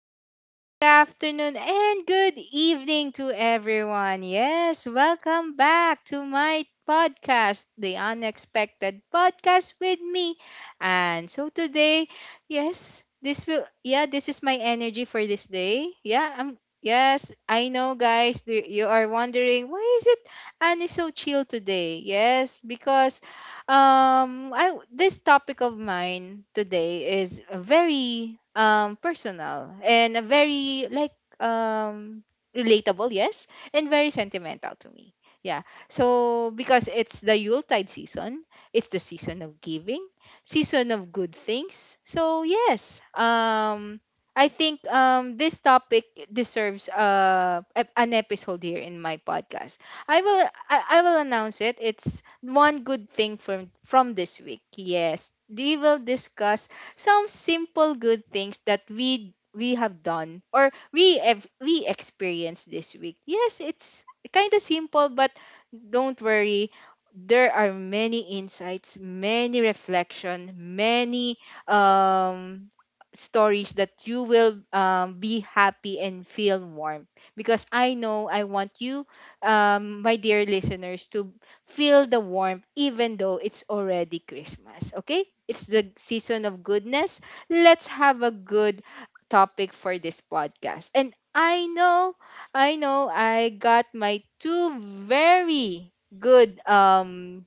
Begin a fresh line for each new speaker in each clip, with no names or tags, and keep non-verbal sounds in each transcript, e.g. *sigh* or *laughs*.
morning, good afternoon, and good evening to everyone. Yes, welcome back to my podcast, The Unexpected Podcast with me. And so today, yes, this is my energy for this day. Yeah, I'm yes, I know guys, you are wondering why is it Annie so chill today? Yes, because I this topic of mine today is a very personal and a very like um relatable, yes, and very sentimental to me. Yeah. So because it's the Yuletide season, it's the season of giving, season of good things. So yes, I think this topic deserves an episode here in my podcast. I will announce it. It's one good thing from this week. Yes. We will discuss some simple good things that we have done or we experienced this week. Yes, it's kind of simple but don't worry. There are many insights, many reflection, many um stories that you will be happy and feel warm because I know I want you, my dear listeners, to feel the warmth even though it's already Christmas. Okay? It's the season of goodness. Let's have a good topic for this podcast. And I know, I know, I got my two very good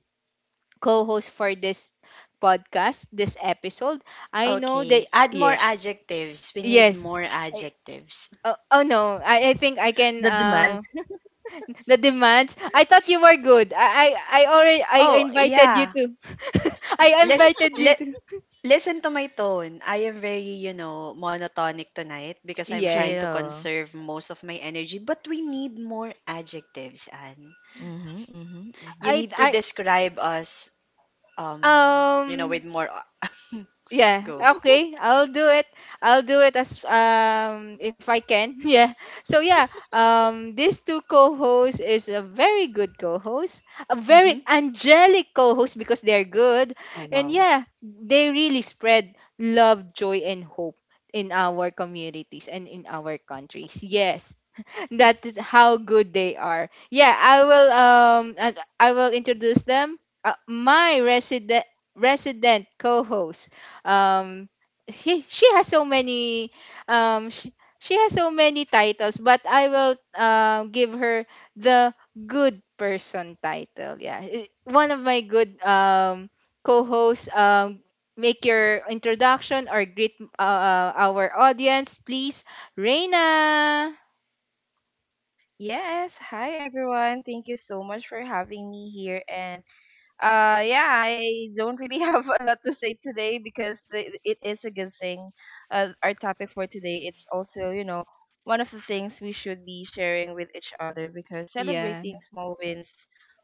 co hosts for this podcast, this episode. I know that,
Okay. Add more
yeah,
adjectives. We need
yes.
more
I,
adjectives.
oh, oh no, I think I can.
The demand.
The demands. I thought you were good. I
Oh,
invited you
yeah.
to. *laughs* I
Lis-
invited you
li-
to.
Listen to my tone. I am very, you know, monotonic tonight because I'm trying to
Yes.
Chill.
conserve most of my energy. But we need more adjectives, Anne.
Mm-hmm, mm-hmm,
You
mm-hmm.
need to
I
describe us, um, you know, with
um
more
Yeah,
growth.
okay. I'll do it. I'll do it as if I can. *laughs* Yeah. So yeah, these two co-hosts is a very good co-host, a
hmm
very angelic co-host because they're good.
Oh,
And
wow.
yeah, they really spread love, joy and hope in our communities and in our countries. Yes, that is how good they are. Yeah, I will introduce them. My resident co-host, um she has so many um she, she has so many titles, but I will give her the good person title. Yeah, one of my good co-hosts, make your introduction or greet, our audience, please, Reina.
Yes. Hi, everyone. Thank you so much for having me here. And yeah, I don't really *laughs* have a lot to say today because it is a good thing. Our topic for today, it's also, you know, one of the things we should be sharing with each other because
Yeah.
celebrating small wins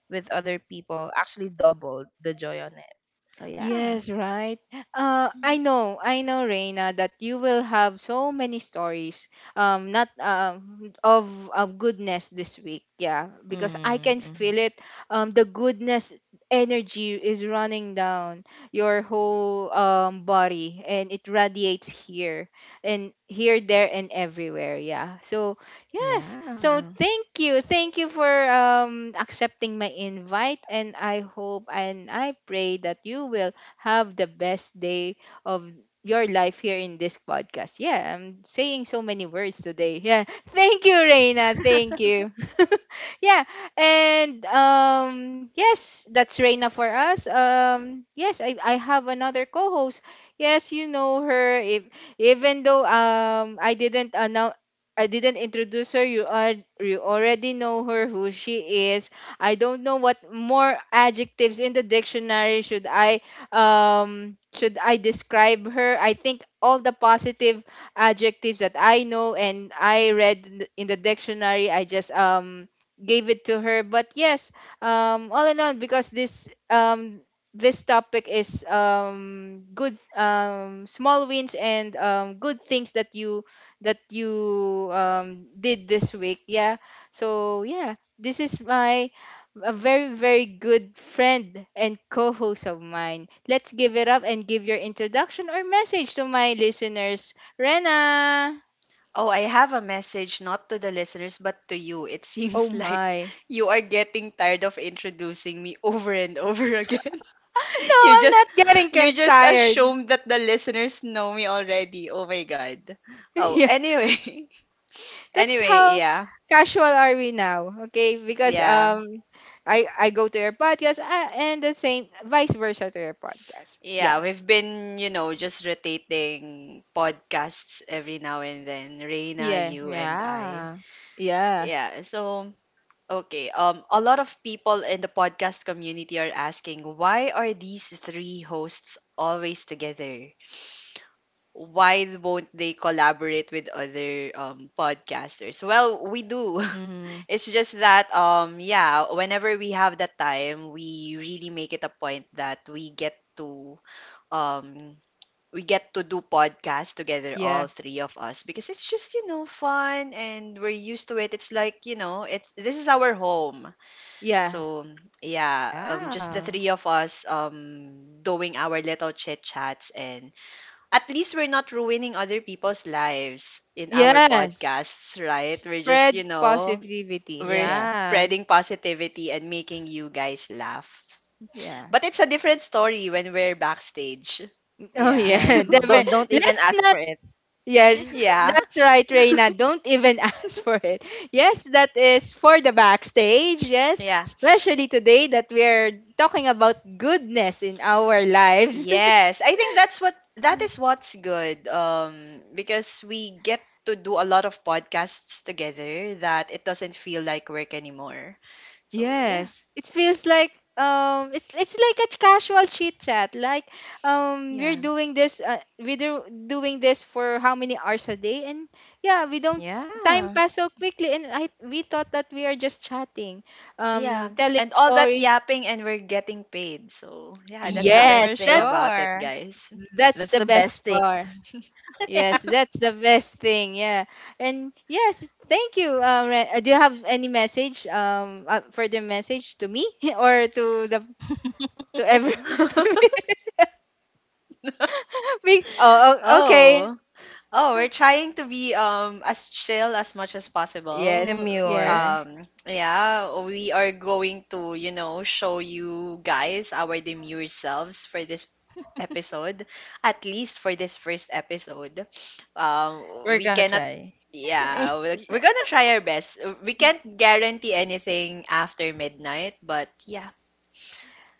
with other people actually doubled the joy on it. So yeah.
Yes, right.
Mm-hmm,
I know, Reina, that you will have so many stories, not of goodness this week. Yeah, because I can
mm-hmm.
feel it. The goodness energy is running down your whole body, and it radiates here and here, there, and everywhere. Yeah. So yes. So
Yeah.
thank you for accepting my invite, and I hope and I pray that you will have the best day of your life here in this podcast. Yeah, I'm saying so many words today. Yeah. *laughs* Thank you, Reina. Thank you. *laughs* Yeah. And yes, that's Reina for us. Yes, I have another co-host. Yes, you know her. If Even though I didn't introduce her. You already know her, who she is. I don't know what more adjectives in the dictionary should I describe her. I think all the positive adjectives that I know and I read in the dictionary, I just gave it to her. But yes, all in all, because this, topic is good, small wins, and good things that you did this week. Yeah. So yeah, this is my a very, very good friend and co host of mine. Let's give it up and give your introduction or message to my listeners. Rena!
Oh, I have a message not to the listeners but to you. It *laughs*
Oh
seems like
my. *laughs*
you are getting tired of introducing me over and over *laughs* again.
No,
You
I'm
just
not getting
you just
tired.
assume that the listeners know me already. Oh my god.
*laughs*
Oh,
Yeah,
anyway. *laughs*
that's
Anyway,
how
yeah.
casual are we now, okay? Because
Yeah.
I go to your podcast, and the same vice versa to your podcast. Yeah.
Yeah, we've been, you know, just rotating podcasts every now and then. Reina,
Yeah.
you and I.
Yeah.
Yeah.
Yeah. So, okay. A lot of people in the podcast community are asking, "Why are these three hosts always together? Why won't they collaborate with other podcasters?" Well, we do. *laughs*
Mm-hmm.
It's just that yeah, whenever we have that time, we really make it a point that um we get to do podcasts together,
Yeah.
all three of us, because it's just, you know, fun and we're used to it. It's like, you know, it's this is our home.
Yeah.
So yeah, just the
Yeah.
three of us, doing our little chit chats. And at least we're not ruining other people's lives in our
Yes.
podcasts, right? We're just,
Spread
you know,
positivity.
we're
Yeah.
Yeah.
spreading positivity and making you guys laugh.
Yeah.
But it's a different story when we're backstage.
Oh
Yeah.
Yeah.
yeah, *laughs*
you
*laughs*
definitely.
Don't even
Let's
ask
not.
for it.
So
Yes,
yeah.
that's right, Reina. Don't even *laughs* ask for it. Yes, that is for the backstage. Yes,
Yeah.
especially today that we are talking about goodness in our lives. *laughs*
Yes. I think that is what's good. Because we get to do a lot of podcasts together that it doesn't feel like work anymore. So yeah,
Yes, it feels like it's like a casual chit chat. Like, we're
yeah.
doing this, we do doing this for how many hours a day, and yeah, we don't time
Yeah.
pass so quickly, and I we thought that we are just chatting,
Yeah.
telling
And all that
stories.
yapping, and we're getting paid. So yeah, that's the
Yeah,
best
for
Yes,
thing
that's
about it,
sure.
guys.
that's
That's
the
the best
best
thing.
part.
*laughs*
Yes, that's the best thing. Yeah. And yes, thank you. Do you have any message, further message to me *laughs* or to the to every
*laughs*
*laughs* oh, oh, okay.
oh. Oh, we're trying to be as chill as much as possible.
Yes, yes.
Demure.
Yeah, we are going to, you know, show you guys our demure selves for this episode, at least for this first episode.
We're
We
gonna
cannot,
try. *laughs*
Yeah, we're gonna try our best. We can't guarantee anything after midnight, but yeah.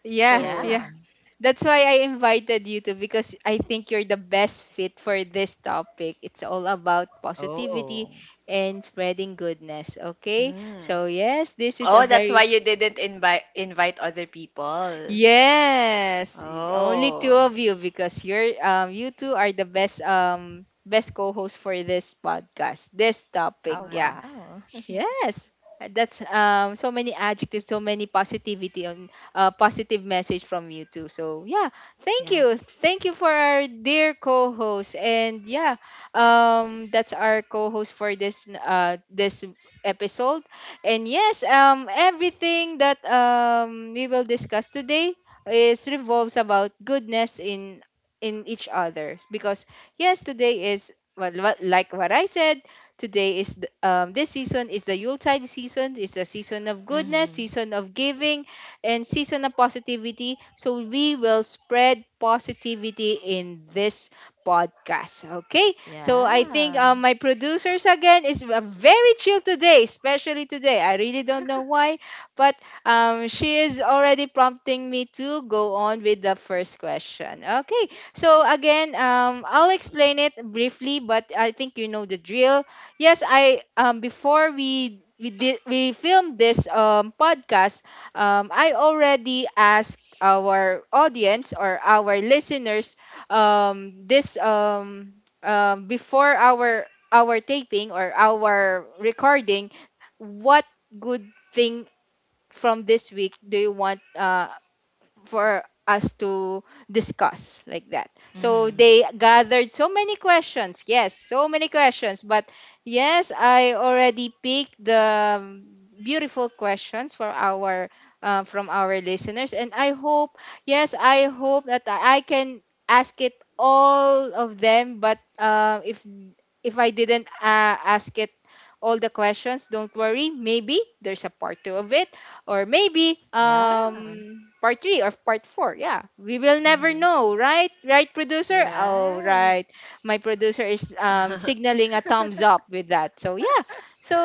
Yeah,
So,
yeah,
Yeah.
that's why I invited you to, because I think you're the best fit for this topic. It's all about positivity
Oh.
and spreading goodness. Okay,
mm.
so yes, this is a
Oh, that's why
very,
you didn't invite other people.
yes, only two
Oh.
of you, because you two are the best, co-host for this podcast, this topic.
Oh
Yeah,
Yeah.
wow. *laughs*
Yes, that's so many adjectives, so many positivity, on positive message from you too. So yeah, thank
yeah.
you, thank you for our dear co-host, and yeah, that's our co-host for this this episode, and yes, everything that we will discuss today is revolves about goodness in each other, because yes, today is, well, like what I said, today is this season is the Yuletide season. It's the season of goodness,
Mm-hmm.
season of giving, and season of positivity. So we will spread positivity in this podcast. Okay. So I think
Yeah.
my producers again is very chill today, especially today. I really don't know why, but she is already prompting me to go on with the first question. Okay. So again, I'll explain it briefly, but I think you know the drill. Yes, I before we filmed this podcast, I already asked our audience or our listeners, this before our taping or our recording, what good thing from this week do you want for us to discuss, like that. So
Mm-hmm.
they gathered so many questions. Yes, so many questions. But yes, I already picked the, beautiful questions for our from our listeners, and I hope that I can ask it all of them. But if I didn't ask it all the questions, don't worry. Maybe there's a part two of it, or maybe
Yeah.
part 3 or part 4. Yeah, we will never
Mm-hmm.
know, Right, producer? Oh,
Right.
right. My producer is
*laughs*
signaling a thumbs up with that. So yeah, so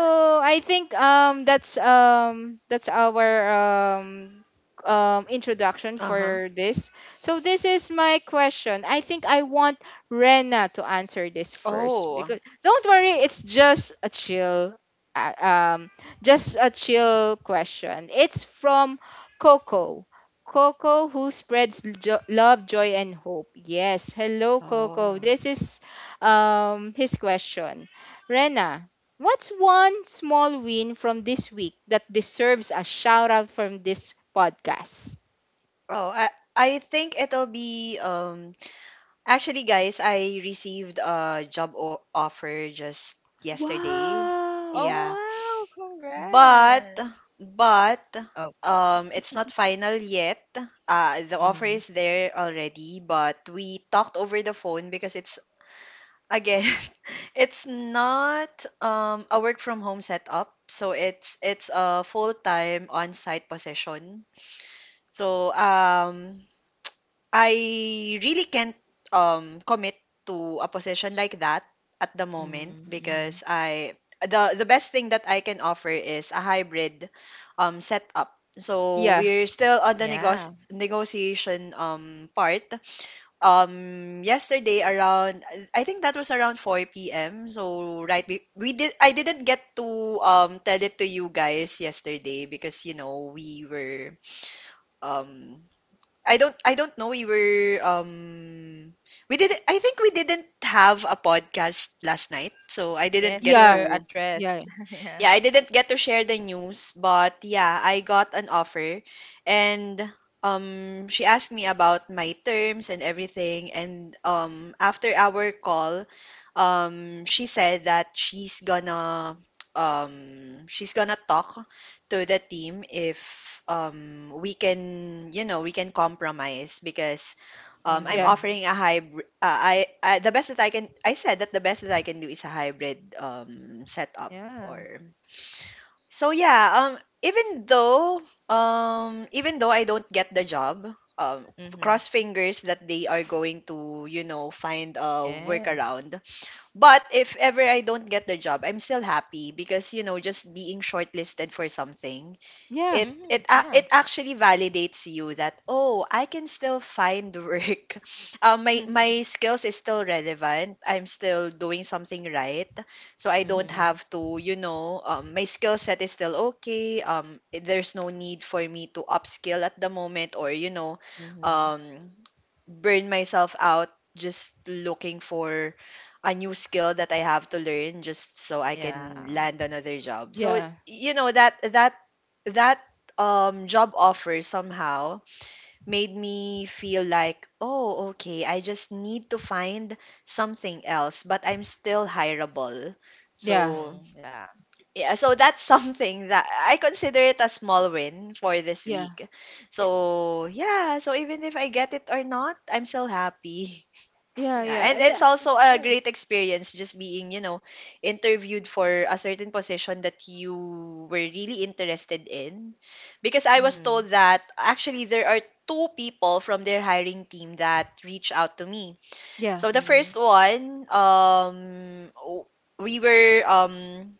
I think, that's our, um, introduction
Uh-huh.
for this. So this is my question. I think I want Rena to answer this first, because
Oh.
don't worry, it's just a chill, uh, um just a chill question. It's from Coco. Coco, who spreads love, joy, and hope. Yes. Hello, Coco.
Oh.
This is, his question. Rena, what's one small win from this week that deserves a shout out from this podcast?
Oh, I I think it'll be actually, guys, I received a offer just yesterday.
Wow.
Oh
Yeah.
wow,
But
congrats.
but
Oh.
it's not final yet. Uh, the offer
Mm-hmm.
is there already, but we talked over the phone because it's again *laughs* it's not a work from home setup. So it's a full-time on-site position. So I really can't commit to a position like that at the moment
Mm-hmm.
because I the best thing that I can offer is a hybrid setup. So
Yeah,
we're still on the
Yeah.
negotiation part. Yesterday around, I think that was around 4 p.m. So right, we did, I didn't get to tell it to you guys yesterday because, you know, we were um I don't know, we were we did I think we didn't have a podcast last night, so I didn't
Yes, we
get
yeah,
were
to,
at rest.
yeah,
*laughs* Yeah.
yeah, I didn't get to share the news. But yeah, I got an offer, and she asked me about my terms and everything. And after our call, she said that um she's gonna talk to the team if we can, you know, we can compromise because I'm
yeah,
Mhm.
offering a hybrid, I, the best that I can, I said that the best that I can do is a hybrid setup
Yeah.
or so, yeah. Even though Even though I don't get the job, um,
Mhm.
cross fingers that they are going to, you know, find a
Yes.
workaround. But if ever I don't get the job, I'm still happy because, you know, just being shortlisted for something,
yeah,
it
Mm-hmm.
it a-
Yeah.
it actually validates you that, oh, I can still find work. *laughs* My
*laughs*
skills is still relevant, I'm still doing something right. So I don't
Mhm.
have to, you know, my skill set is still okay. There's no need for me to upskill at the moment, or, you know,
Mhm.
um burn myself out just looking for a new skill that I have to learn just so I
Yeah.
can land another job. So
yeah,
you know that job offer somehow made me feel like, oh okay, I just need to find something else, but I'm still hireable.
yeah,
So
Mhm. Yeah.
yeah, so that's *laughs* something that I consider it a small win for this
yeah,
week.
yeah,
So yeah, so even if I get it or not, I'm still happy. *laughs*
yeah,
Yeah,
yeah,
and
and that,
it's
Yes, of
also a
course.
great experience just being, you know, interviewed for a certain position that you were really interested in. Because I was told
Mhm.
that actually there are two people from their hiring team that reached out to me.
yeah,
So the
Mhm.
first one, we were,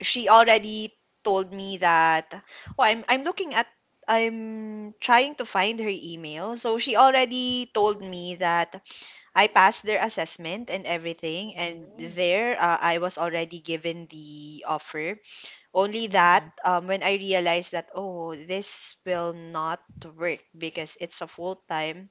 she already told me that, oh, I'm looking at, I'm trying to find her email. So she already told me that I passed their assessment and everything, and
Mhm.
there, I was already given the offer. Only that
Mhm.
when I realized that, oh, this will not work because it's a full time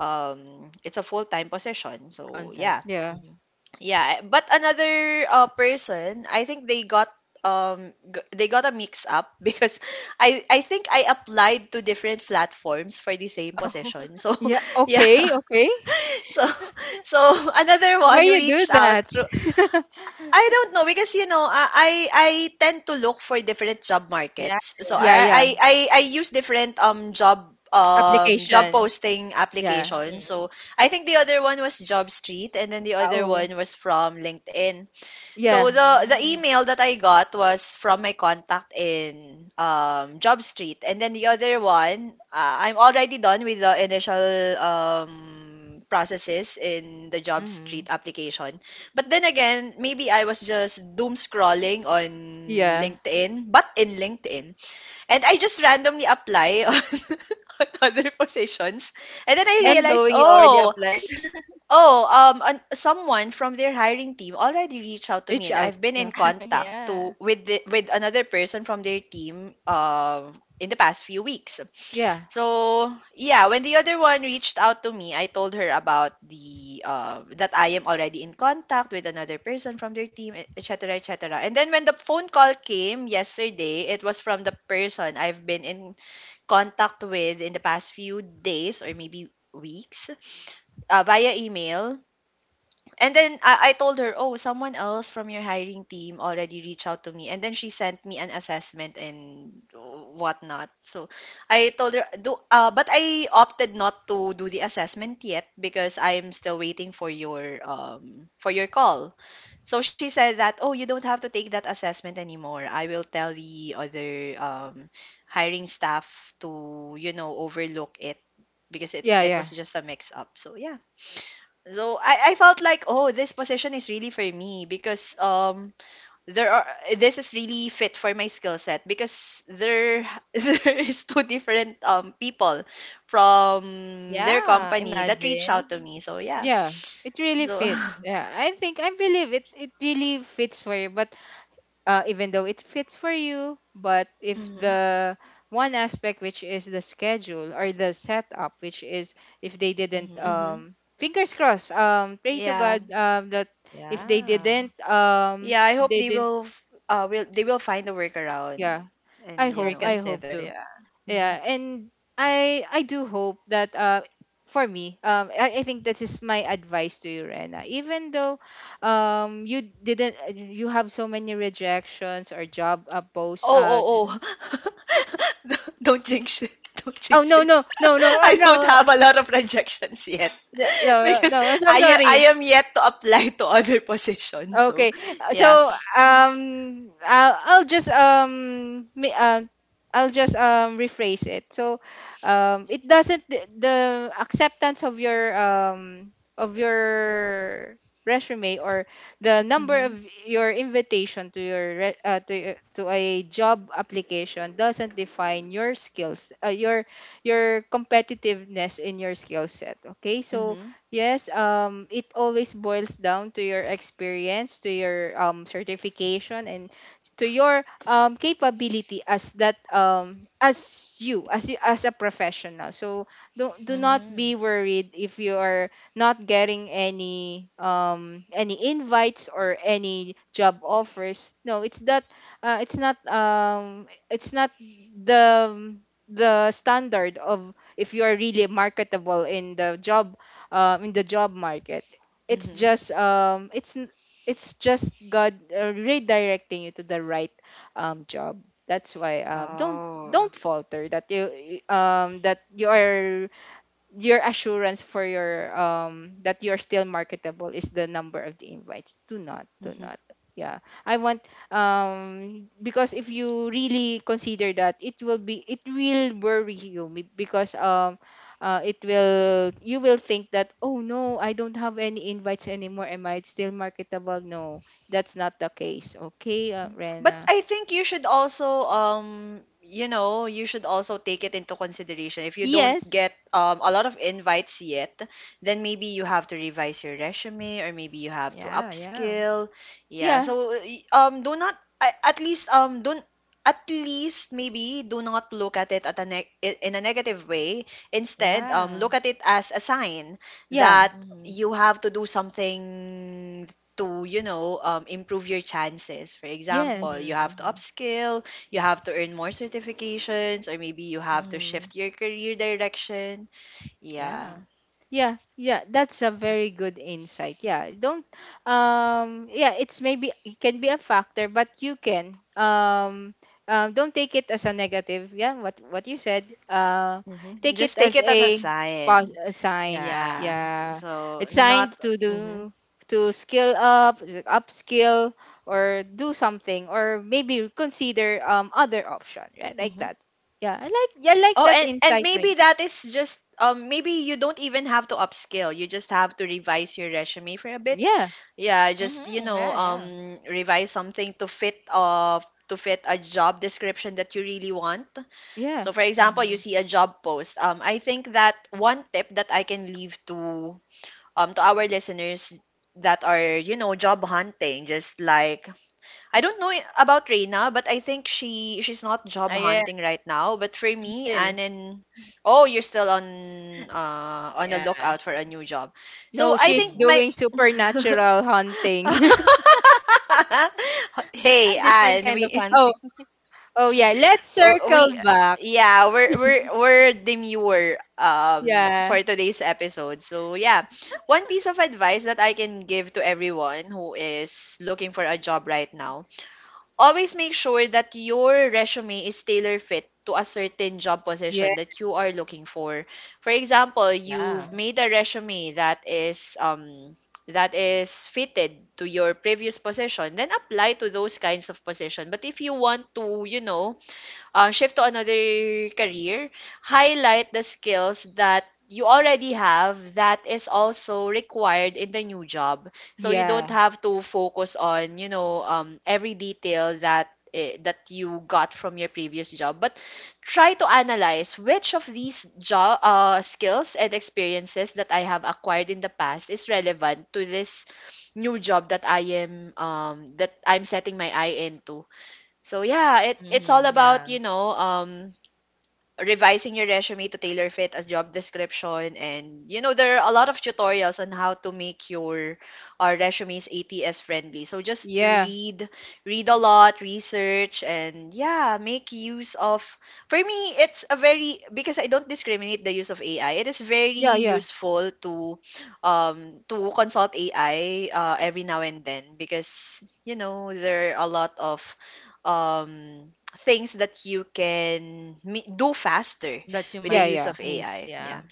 um it's a full time position.
On
So
site.
yeah,
yeah,
Mhm.
yeah. But another person, I think they got they got a mix up *laughs* because I think I applied to different platforms for the same
Oh. *laughs*
position. So *laughs*
yeah.
yeah,
Okay, okay.
so *laughs* so another
Why
one
you do
reached out
that?
to,
*laughs*
I don't know, because, you know, I tend to look for different job
Yeah.
markets. So
Yeah, yeah.
Yeah.
I use different job
Application.
posting
Yeah.
applications. So I think the other one was Job Street and then the
Ah,
other
oh,
one was from LinkedIn. So
Mhm.
yeah,
the
Mhm.
email that I got was from my contact in Job Street, and then the other one, I'm already done with the initial processes in the Job Street
*laughs*
application. But then again, maybe I was just doom scrolling on
yeah.
LinkedIn. But in LinkedIn, and I just randomly apply *laughs* on other positions, and then I
Not
And
realized,
knowing you already
oh,
applied.
oh, someone from their hiring team already reached out to
reach
me, and
out.
I've been
Yeah,
in
okay.
*laughs*
contact to
Yeah.
with the, with another person from their team in the past few weeks.
Yeah,
So yeah, when the other one reached out to me, I told her about the that I am already in contact with another person from their team, etc., etc. And then when the phone call came yesterday, it was from the person I've been in contact with in the past few days, or maybe weeks, via email. And then I told her, oh, someone else from your hiring team already reached out to me. And then she sent me an assessment and whatnot. So I told her, do, but I opted not to do the assessment yet because I'm still waiting for your call. So she said that, oh, you don't have to take that assessment anymore. I will tell the other hiring staff to, you know, overlook it because it
yeah,
it
yeah.
was just a mix up. So yeah. So I felt like, oh, this position is really for me because there are this is really fit for my skill set because there *laughs* there is two different people from their
Yeah.
company that reached out to
Imagine.
me. So yeah.
Yeah. It really
So *laughs*
fits. Yeah, I think I believe it. It really fits for you. But even though it fits for you, but if
hmm
the one aspect, which is the schedule or the setup, which is, if they didn't,
Mhm.
hmm
fingers crossed, pray to
yeah.
God, that if they
Yeah.
didn't,
Yeah, I hope they will they will find a workaround
yeah, I
and
Like
you
hope,
know.
I hope
reconsider.
to.
Yeah.
Mm-hmm.
Yeah, and I do hope that, for me, I think that is my advice to you, Rena. Even though you didn't you have so many rejections or job, post
Oh,
uh
oh, oh. *laughs* Don't jinx it. Don't
oh
jinx
no,
it.
no, no,
*laughs*
no. Oh,
I
no,
don't
no,
have a lot of rejections yet
no, no,
*laughs* because
no, I'm so
I I
sorry.
am yet to apply to other *laughs* positions. So,
Okay. So,
yeah.
um I'll, I'll just um mi- uh, I'll just rephrase it. So it doesn't, the acceptance of your, resume, or the number of
Mhm.
your invitation to your, to a job application doesn't define your skills, your, competitiveness in your skill set, okay? So
Mhm.
yes, it always boils down to your experience, to your, certification, and to your, capability, as as a professional. So don't do not be
Mhm.
worried if you are not getting any, invites or any job offers. No, it's that it's not the the standard of if you are really marketable in the job market. it's
Mhm.
just um it's n- it's just god, redirecting you to the right, job. That's why, don't
Oh.
don't falter that, you are — your assurance for your that you're still marketable is the number of the invites. Do not. Yeah, I want because if you really consider that, it will worry you, because, it will you will think that, oh no, I don't have any invites anymore. Am I still marketable? No, that's not the case. Okay.
But
Rena.
I think you should also you know, you should also take it into consideration. If you don't
Yes.
get a lot of invites yet, then maybe you have to revise your resume or maybe you have to
Yeah, yeah,
upskill. Yeah.
Yeah.
So do not, at least don't, at least maybe do not look at it at a in a negative way. Instead, look
yeah.
at it as a sign
Yeah.
that you
Mhm,
have to do something to, you know, improve your chances. For example,
Yes.
you
mhm,
have to
mhm,
upskill, you have to earn more certifications, or maybe you have to shift
mhm.
your career direction, yeah.
Yeah,
Yeah, yeah, that's a very good insight. Yeah, don't yeah, it's maybe it can be a factor, but you can, don't take it as a negative. Yeah, what you said.
Mhm.
Take it
Just take
as
it as a
a
sign,
a sign.
yeah,
yeah.
Yeah.
so
It's
not.
sign to
Mhm,
do to skill up, upskill, or do something, or maybe consider, other option, right? Like
mhm.
that. Yeah, I like
Oh,
that
and
insight, right?
maybe that is just, maybe you don't even have to upskill. You just have to revise your resume for a bit.
Yeah.
Yeah, just
Mhm,
you know
yeah, yeah.
revise something to fit a job description that you really want. So
Yeah.
for example, you
Mhm.
see a job post. I think that one tip that I can leave to our listeners that are job hunting, just like I don't know about Reina, but I think she's not job
Ah, yeah.
hunting right now. But for
I'm
me,
still.
Anan, oh, you're still on a
Yeah.
lookout for a new job. So
No,
I
she's
think
Mhm.
my
doing supernatural hunting.
*laughs*
*laughs* hey,
A different
Anne,
kind of
we
*laughs* Oh,
hunting.
oh yeah. Let's
we
circle back.
yeah we're demure for
Yeah.
today's episode, so yeah, one piece of advice that I can give to everyone who is looking for a job right now, always make sure that your resume is tailor fit to a certain job
Yeah.
position that you are looking for. For example, you've
Yeah.
made a resume that is fitted to your previous position, then apply to those kinds of position. But if you want to, shift to another career, highlight the skills that you already have that is also required in the new job. So you don't
Yeah.
have to focus on, every detail that you got from your previous job, but try to analyze which of these job skills and experiences that I have acquired in the past is relevant to this new job that I'm setting my eye into. So yeah, it's all
Mhm.
about,
Yeah.
revising your resume to tailor fit as job description. And you know there are a lot of tutorials on how to make your our resumes ATS friendly, so just
Yeah.
read a lot, research, and yeah, make use of, for me it's a very, because I don't discriminate the use of AI, it is
Yeah.
very
Yeah.
useful to consult AI every now and then because you know there are a lot of things that you can me do faster
That you
with the
Yeah.
might
use
Yeah.
of
miss.
AI. Yeah.
Yeah.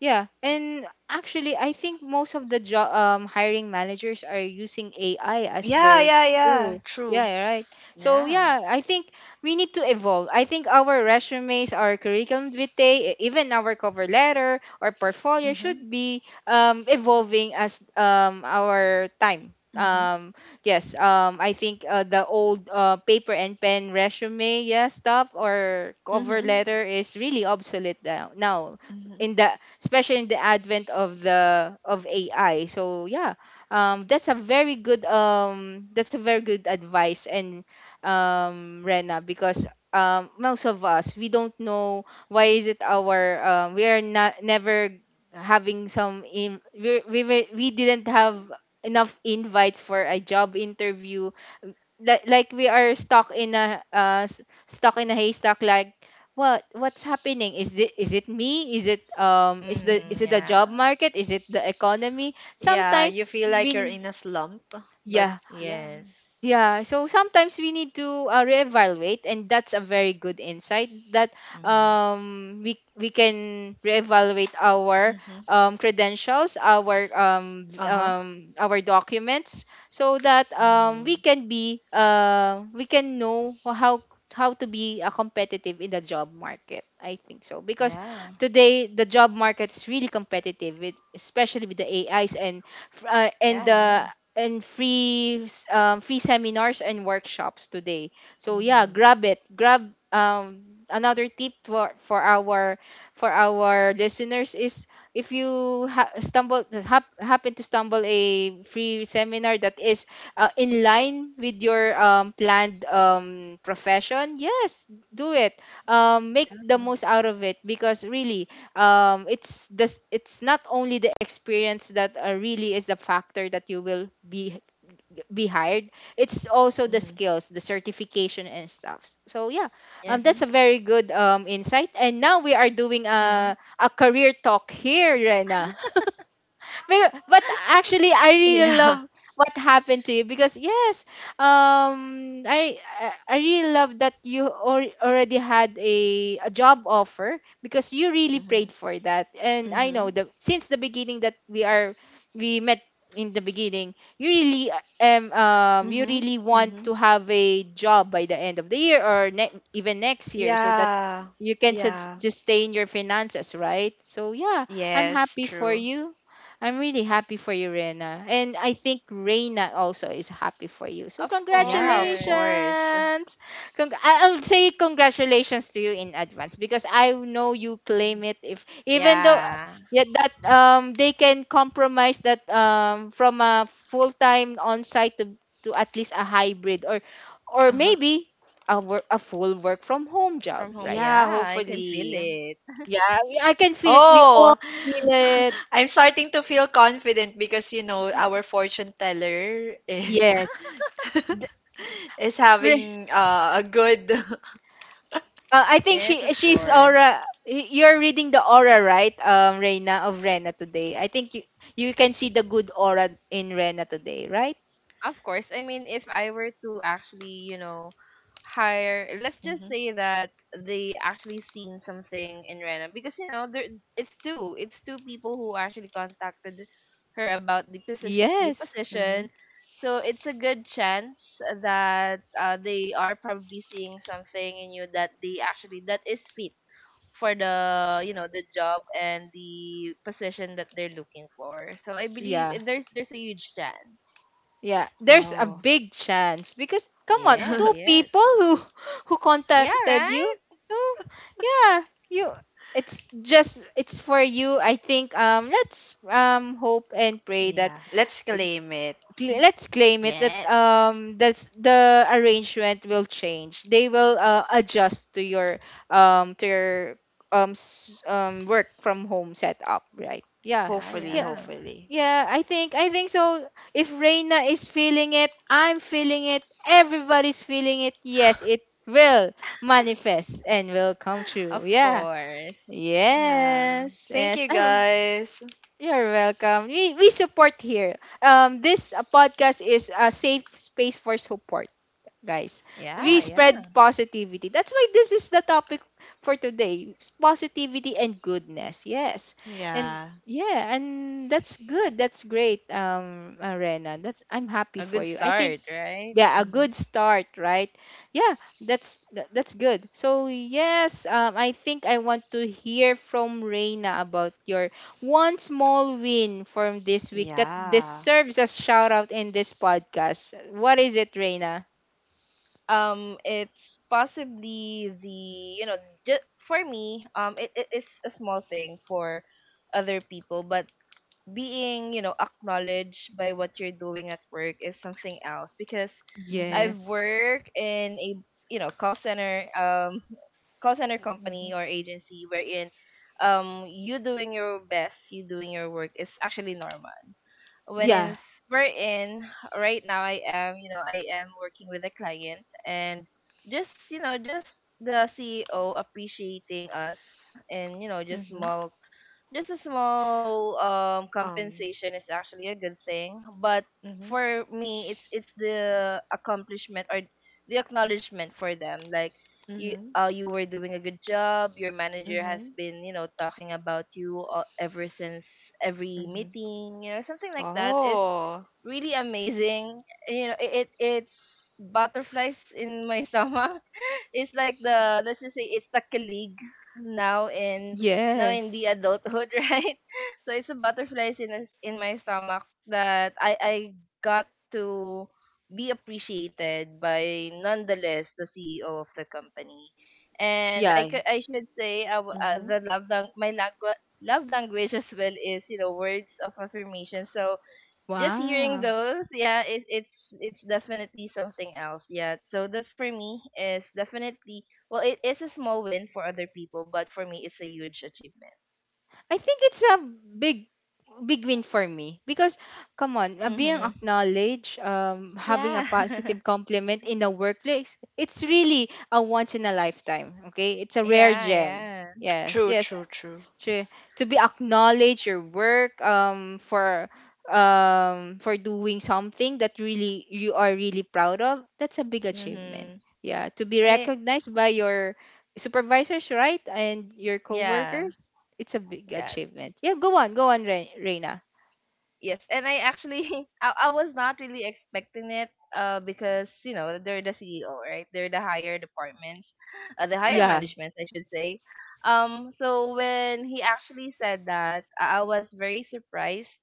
Yeah, and actually, I think most of the job hiring managers are using AI as
Yeah,
their
yeah, yeah.
tool.
True.
Yeah, you're right. So
Yeah.
yeah, I think we need to evolve. I think our resumes, our curriculum vitae, even our cover letter or portfolio, should
Mhm,
be, evolving as, our time.
mhm,
Um, yes, I think, the old, paper and pen resume, yeah, stuff, or cover
mhm,
letter, is really obsolete now. Now,
mhm,
in the especially in the advent of the of AI. So yeah, that's a very good advice, and, Rena, because, most of us, we don't know, why is it our, we are not never having some in, we didn't have enough invites for a job interview, like we are stuck in a, stuck in a haystack, like, what's happening? Is it, is it me? Is it,
mhm.
is
Mhm.
it the job
Yeah.
market? Is it the economy?
Yeah, you
Sometimes
feel like you're
when
in a slump, but
yeah,
yeah.
Yes.
yeah, so sometimes we need to, reevaluate, and that's a very good insight that,
Mhm.
we can reevaluate our,
Mhm.
credentials, our,
Uh-huh.
our documents, so that,
Mhm.
we can know how to be, competitive in the job market. I think so, because
Yeah.
today the job market is really competitive, especially with the AIs, and, f- and
Yeah.
the
Yeah.
and free, free seminars and workshops today. So yeah,
Mhm.
grab it. Grab, another tip for our, listeners is, if you, happen to stumble a free seminar that is, in line with your, planned, profession, yes, do it. Make
Yeah.
the most out of it, because really, it's not only the experience that, really is a factor that you will be hired. It's also the
Mhm.
skills, the certification and stuff. So yeah,
Mhm,
Yes.
that's a very good, insight. And now we are doing
mhm.
a career talk here, Rena. But
*laughs*
actually, I really
Yeah.
love what happened to you, because yes, I really love that you, already had a job offer, because you really prayed
Mhm.
for that. And I know the
*laughs*
since the beginning, that we met in the beginning, you really,
Mhm,
you
mhm,
really want to
mhm.
have a job by the end of the year, or even next year, so that
Yeah.
you can,
Yeah.
sustain your finances, right? So yeah, I'm
Yes,
happy for
true.
you. I'm really happy for you, Rena. And I think Reina also is happy for you. So
Of
Yeah, of
congratulations.
course.
course.
I'll say congratulations to you in advance, because I know you claim it, if even though,
Yeah,
yeah, that, they can compromise that, from a full-time on-site to, at least a hybrid, or
Uh-huh.
maybe a full work from home job,
from home.
right?
Yeah,
Yeah, I can feel
hopefully.
it.
Yeah, I can feel it. We all
Oh,
feel it.
*laughs* I'm starting to feel confident because you know our fortune teller is
Yes.
*laughs* is having a good. *laughs*
I think
Yes, of
she's
course.
aura. You're reading the aura, right, Reina, of Rena today. I think you can see the good aura in Rena today, right?
Of course. I mean, if I were to actually, you know, hire, let's just
Mhm,
say that they actually seen something in Rena because you know there it's two people who actually contacted her about the position the
Yes.
mhm.
position so it's a good chance that they are probably seeing something in you that they actually that is fit for the you know the job and the position that they're looking for. So I believe
Yeah.
there's a huge chance.
Yeah. There's a
Oh,
big chance, because come on,
Yes,
two
*laughs*
yes.
people who *laughs* who
Yeah,
contacted
right?
you. So yeah, you. It's for you. I think, let's, hope and pray that,
yeah. Let's claim it.
let's claim it, that,
Yes.
that's the arrangement will change. They will, adjust to your, um to your work from home setup, right? Yeah.
Yeah,
Hopefully,
Yeah.
yeah.
hopefully.
Yeah, I think so. If Reina is feeling it, I'm feeling it, everybody's feeling it. Yes, it will manifest and will come true.
Of
Yeah.
course.
Yeah.
Yes.
Thank
Yes.
you, guys.
You're welcome. We support here. This, podcast is a safe space for support, guys.
Yeah,
We
Mhm.
spread
yeah.
positivity. That's why this is the topic for today: positivity and goodness. Yes, and
Yeah.
yeah, and that's good. That's great, Rena. That's I'm happy
A
for
good
you. I think.
start, right?
Yeah, a
Mhm.
good start, right? Yeah, that's good. So yes, I think I want to hear from Reina about your one small win from this week that
Yeah.
deserves a shout out in this podcast. What is it, Reina?
It's possibly the you know just for me, it is a small thing for other people, but being, you know, acknowledged by what you're doing at work is something else because
Mhm,
I've
Yes.
worked in a, you know, call center *laughs* call center company
mhm,
or agency wherein you doing your best, you doing your work is actually normal. When
mhm,
Yeah.
in wherein right now I am, working with a client and just the CEO appreciating us and you know just
mhm.
small just a small um
Um.
compensation is actually a good thing, but
Mhm,
for me it's the accomplishment or the acknowledgement for them, like you
mhm,
uh you were doing a good job, your manager has
mhm,
been talking about you, ever since every
mhm.
meeting, something like that is
Oh.
really amazing, it's butterflies in my stomach. *laughs* It's like, the let's just say it's the colleague now in now in
Yes.
the adulthood, *laughs* right? So it's a butterflies in a s in my stomach that I got to be appreciated by, nonetheless, the CEO of the company. And I
Yeah.
could I should say,
Mhm.
the love language as well is, you know, words of affirmation. So just hearing
Wow.
those, yeah, it's definitely something else. Yeah. So that's, for me, is definitely, well, it is a small win for other people, but for me, it's a huge achievement.
I think it's a big big win for me, because come on, being
Mhm.
acknowledged, having a
Yeah.
positive
*laughs*
compliment in the workplace, it's really a once in a lifetime. Okay, it's a rare
Yeah,
gem.
yeah.
Yes.
True.
Yes.
True. True.
True. To be acknowledged, your work, for doing something that really you are really proud of, that's a big achievement.
Mhm.
Yeah, to be
And it
recognized by your supervisors, right, and your
yeah.
coworkers, it's a big
Yeah.
achievement. Yeah, go on, Reina.
Yes, and I actually *laughs* I was not really expecting it, because they're the CEO, right? They're the higher departments, the higher
Yeah,
managements, I should say. So when he actually said that, I was very surprised,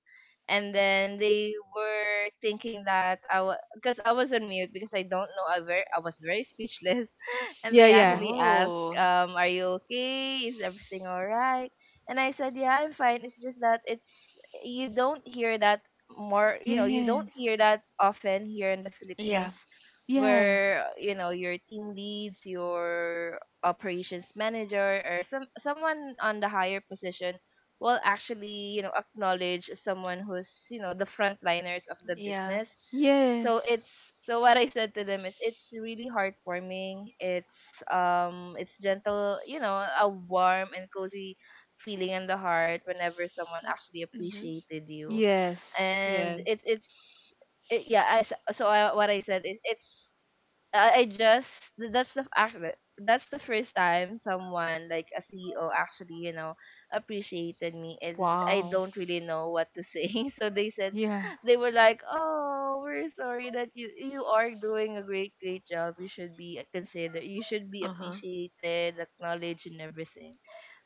and then they were thinking that I was because I was on mute because I don't know, I was very speechless. *laughs* And
yeah,
they
yeah.
actually asked,
Oh.
are you okay? Is everything all right? And I said, "Yeah, I'm fine. It's just that it's, you don't hear that you don't
Yes,
hear that often here in the
Yeah.
Philippines
yeah,
where, your team leads, your operations manager, or someone on the higher position will actually, acknowledge someone who's, the frontliners of the
Yeah.
business." so
yes,
it's so what I said to them is it's really heartwarming. It's gentle, a warm and cozy feeling in the heart whenever someone actually
Mhm.
appreciated you.
yes,
And
yes.
I s- so I, what I said is it's, I I just that's the f- act that- that's the first time someone like a CEO actually appreciated me, and I
Wow.
don't really know what to say. *laughs* So they said,
Yeah,
they were like, oh, we're sorry that you are doing a great great job, you should be considered, you should be
Uh-huh.
appreciated, acknowledged and everything.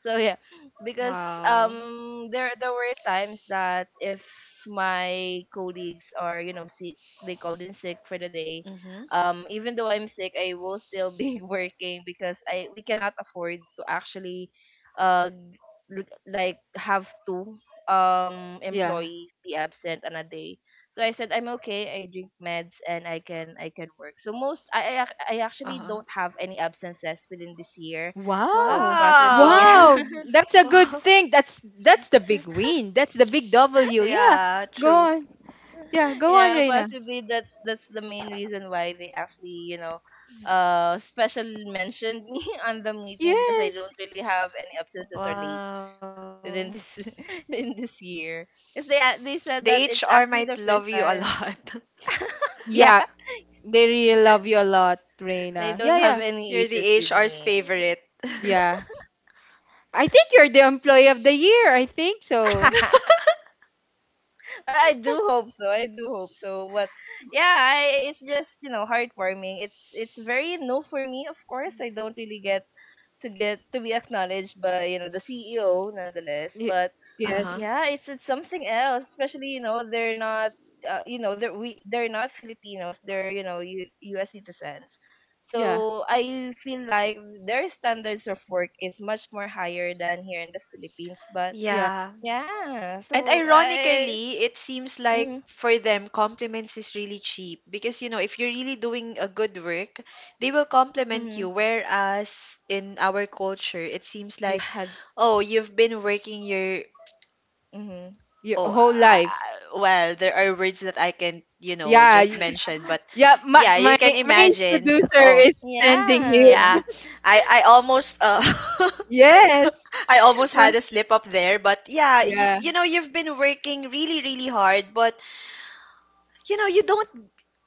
So yeah, because
Wow.
there were times that if my colleagues are, sick, they called in sick for the day.
Mhm.
Even though I'm sick, I will still be *laughs* working because I we cannot afford to actually, uh like, have two
yeah.
employees be absent on a day. So I said I'm okay, I drink meds, and I can work. So most I actually
Uh-huh.
don't have any absences within this year,
Wow.
possibly. *laughs*
Wow.
Wow.
Yeah.
That's a
*laughs*
good
Wow.
thing. That's the big win. That's the big W. Yeah.
Yeah,
Go
true.
on. Yeah,
*laughs*
go on,
Yeah,
Reina.
possibly that's the main reason why they actually, special mentioned me *laughs* on the meeting, because I don't
Yes.
really have any absences or late
Wow.
within this *laughs* in this year. Because they
The
a- they said
HR
that
might
it's
love
actually
you
the
a
first
lot. *laughs*
time. *laughs* Yeah,
Yeah, they really love you a lot,
they
Reina. Yeah,
don't have
yeah.
You're
any
the
issues with
HR's
me.
favorite. *laughs*
Yeah. I think you're the employee of the year. I think so.
*laughs* I do hope so. I do hope so. But yeah, it's just, heartwarming. It's very new for me. Of course, I don't really get to be acknowledged by, the CEO, nonetheless.
Y-
But
Uh-huh.
yes.
yeah, it's something else. Especially, they're not, they're not Filipinos. They're, U.S. citizens.
Yeah.
So I feel like their standards of work is much more higher than here in the Philippines. But
Yeah.
Yeah.
yeah,
And
so I.
ironically, it seems like
hmm
for them, compliments is really cheap because, if you're really doing a good work, they will compliment you.
hmm.
Whereas in our culture, it seems
You
like,
had.
oh, you've been working your...
Hmm.
Your
Oh,
whole life.
well, there are words that I can,
Yeah,
just
y-
mention, but
Yeah, my
yeah, you
my
can
my
imagine.
producer
Oh,
is sending you.
Yeah,
yeah. I almost
Yes.
*laughs* I almost
Ma-
had a slip up there, but yeah,
Yeah,
you've been working really really hard, but you know, you don't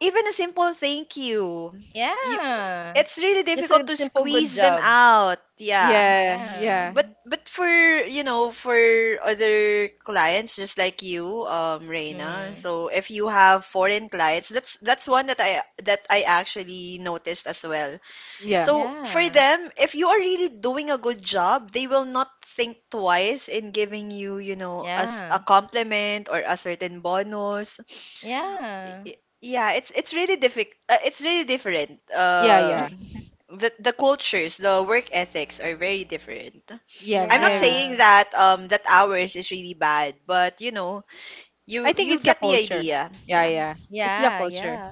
even a simple thank you. You
yeah,
it's really
just
difficult
a
to
simple good
squeeze them
job.
out. Yeah.
yeah,
Yeah.
yeah,
But for you know for other clients just like you, Reina.
Mhm.
So if you have foreign clients, that's one that I actually noticed as well.
yeah,
So for
Yeah.
them, if you are really doing a good job, they will not think twice in giving you you know as a
Yeah.
compliment or a certain bonus.
Yeah.
Yeah, it's really difficult. It's really different.
yeah,
Uh,
yeah,
*laughs*
the the cultures, the work ethics are very different.
yeah.
I'm not
Very.
saying
Yeah.
that ours is really bad, but you know,
I
you
think
you
it's the
get the
culture.
idea.
Yeah,
Yeah.
yeah. It's the
Yeah,
culture.
yeah.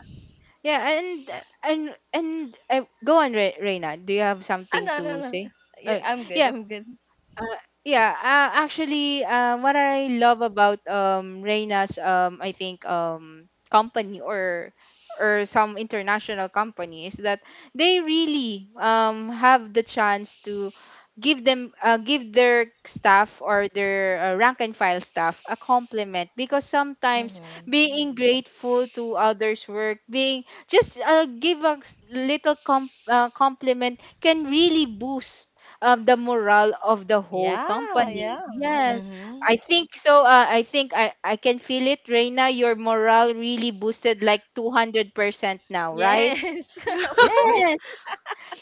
Yeah,
Yeah.
and and go on, Reina. Do you have
Ah,
something
no, no,
to
no.
say?
Yeah,
Uh,
I'm good.
yeah.
I'm good.
Uh, yeah, actually, what I love about, Reina's, I think, company, or some international company, is that they really, have the chance to, give their staff, or their, rank and file staff, a compliment, because sometimes
Mm-hmm.
being grateful to others work, being just, give a, little, compliment, can really boost, the morale of the whole
Yeah,
company.
yeah.
Yes,
Hmm.
I think so. I think I can feel it, Reina. Your morale really boosted like 200% now, right?
Yes, *laughs* of
*laughs*
course.
Yes,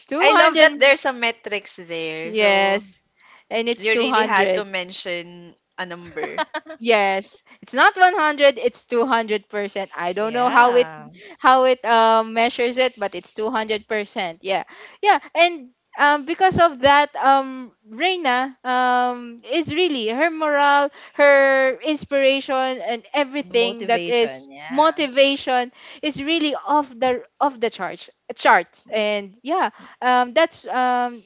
two
I love
hundred.
that there's some metrics there. So
Yes, and it's
you
two
really had to
hundred.
mention a number.
*laughs*
Yes, it's not 100, it's 200%. I don't know
Yeah.
how it, measures it, but it's 200%. Yeah. Yeah, and, because of that, Reina, is really her morale, her inspiration, and
The
everything, that
motivation,
is
yeah.
motivation, is really off the charts. And yeah, that's,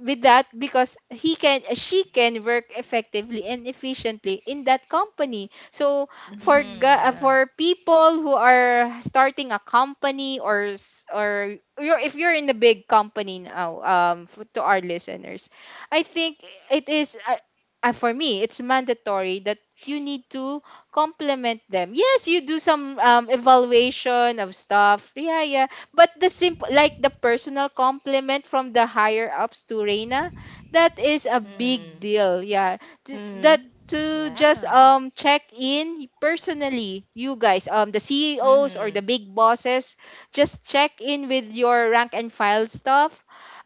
with that, because he can she can work effectively and efficiently in that company. So,
Mhm.
Mm-hmm, yeah.
for people who are starting a company, or you're, if you're in the big company now, to our listeners, I think, it is for me, it's mandatory that you need to complement them. Yes, you do some, evaluation of stuff, yeah, yeah, but the simple, like the personal compliment from the higher ups to Reina, that is a big
Hmm.
deal. Yeah, T- that
Mhm.
to just,
Yeah.
check in personally, you guys, the CEOs or
Mm-hmm.
the big bosses, just check in with your rank and file stuff.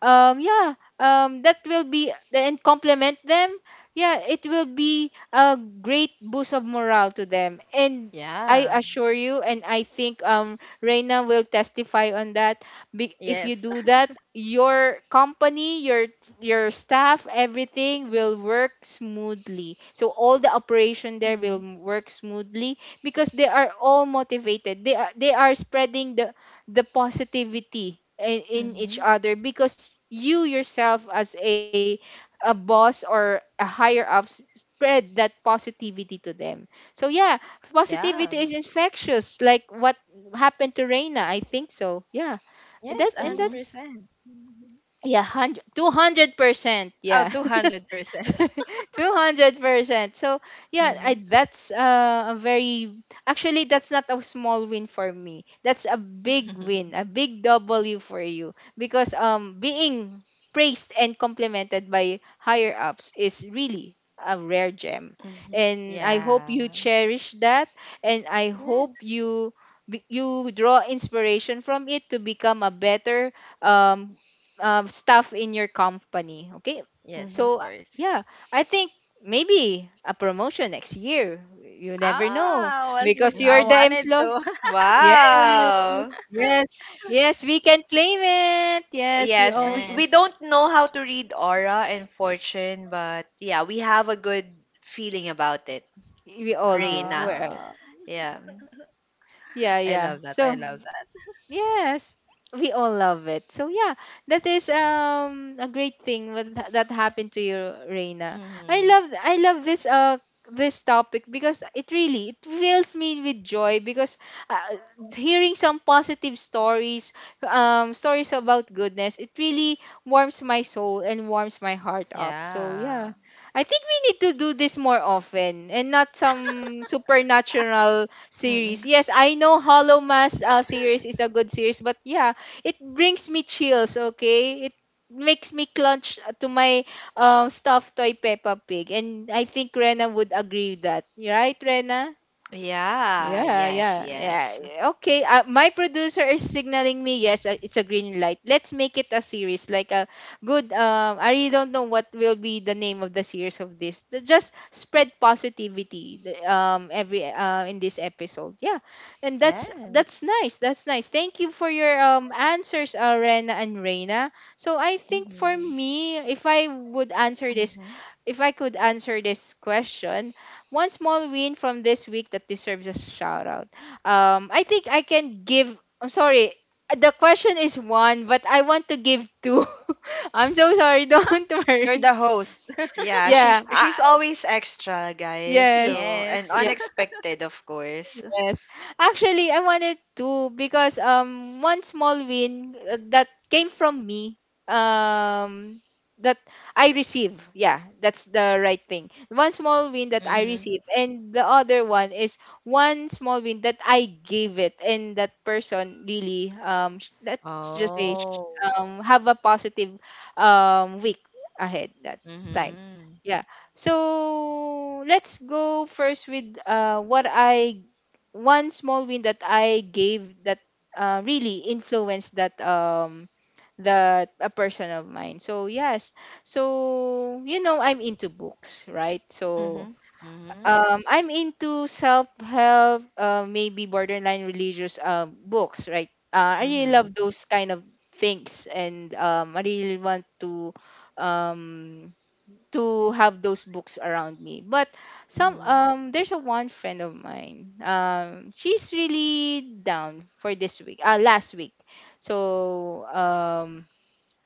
Yeah, that will be and compliment them. Yeah, it will be a great boost of morale to them. And I
Yeah.
assure you, and I think, Reina will testify on that. If
Yes.
you do
*laughs*
that, your company, your staff, everything will work smoothly. So all the operation there will
Mhm.
work smoothly because they are all motivated. They are spreading the positivity in each other, because you yourself, as a boss or a higher up, spread that positivity to them. So yeah,
Yeah.
positivity is infectious, like what happened to Reina. I think so. Yeah.
Yes,
Mhm. Mhm.
That's,
100%.
yeah, one hundred two hundred percent.
Oh,
Yeah, *laughs*
200%.
*laughs* 200%. So, yeah,
Mhm.
that's, a very, actually, that's not a small win for me. That's a big
*laughs*
win, a big W for you. Because being praised and complimented by higher ups is really a rare gem.
Mhm.
And I hope
Yeah.
you cherish that. And I hope
Yes.
you you draw inspiration from it to become a better um, staff in your company. Okay.
Yes, of
Mhm.
So,
course.
yeah. I think maybe a promotion next year. You never know
Ah, was it?
because
I
you're
Mhm.
the
wanted to.
employee.
*laughs*
Yes,
Wow.
yes, yes. We can claim it. Yes,
Yes, we,
Yes.
we don't know how to read aura and fortune, but yeah, we have a good feeling about it.
we all do.
Reina.
We're
Oh,
Yeah.
Yeah,
I
yeah.
love that. I love that.
Yes, we all love it. So yeah, that is a great thing with that happened to you, Reina.
Mhm.
I love this this topic because it fills me with joy because uh, hearing some positive stories stories about goodness, it really warms my soul and warms my heart up. So yeah,
Yeah.
I think we need to do this more often and not some supernatural series.
Mm-mm.
Yes, I know Hollow Mass series is a good series, but yeah, it brings me chills, okay? It makes me clutch to my stuffed toy Peppa Pig. And I think Rena would agree with that. Right, Rena?
Yeah,
Yeah,
yes,
yeah,
yes.
yeah. Okay, my producer is signaling me. Yes, it's a green light. Let's make it a series, like a good. I really don't know what will be the name of the series of this. Just spread positivity. Every in this episode. Yeah, and
Yes.
that's nice. That's nice. Thank you for your answers, Rena and Reina. So I think for
Mhm.
me, if I would answer this,
Hmm.
if I could answer this question, one small win from this week that deserves a shout out. I think I can give. I'm sorry. The question is one, but I want to give two. *laughs* I'm so sorry. Don't *laughs*
*laughs* You're
worry.
the host. *laughs*
Yeah,
Yeah.
she's she's always extra, guys.
Yes.
So, and
Yes. *laughs*
unexpected, of course.
Yes. Actually, I wanted to because one small win that came from me um that I receive. Yeah, that's the right thing. One small win that I
Mhm.
receive and the other one is one small win that I gave it, and that person really let's just say
Oh.
have a positive week ahead that time.
Mhm.
Yeah. So let's go first with what I one small win that I gave that really influenced that that a person of mine. So yes, so you know I'm into books, right? So
Mhm.
Mhm.
I'm into self help, maybe borderline religious books, right? I really
Mhm.
love those kind of things, and I really want to um have those books around me. But some there's a one friend of mine. She's really down for this week. Last week. So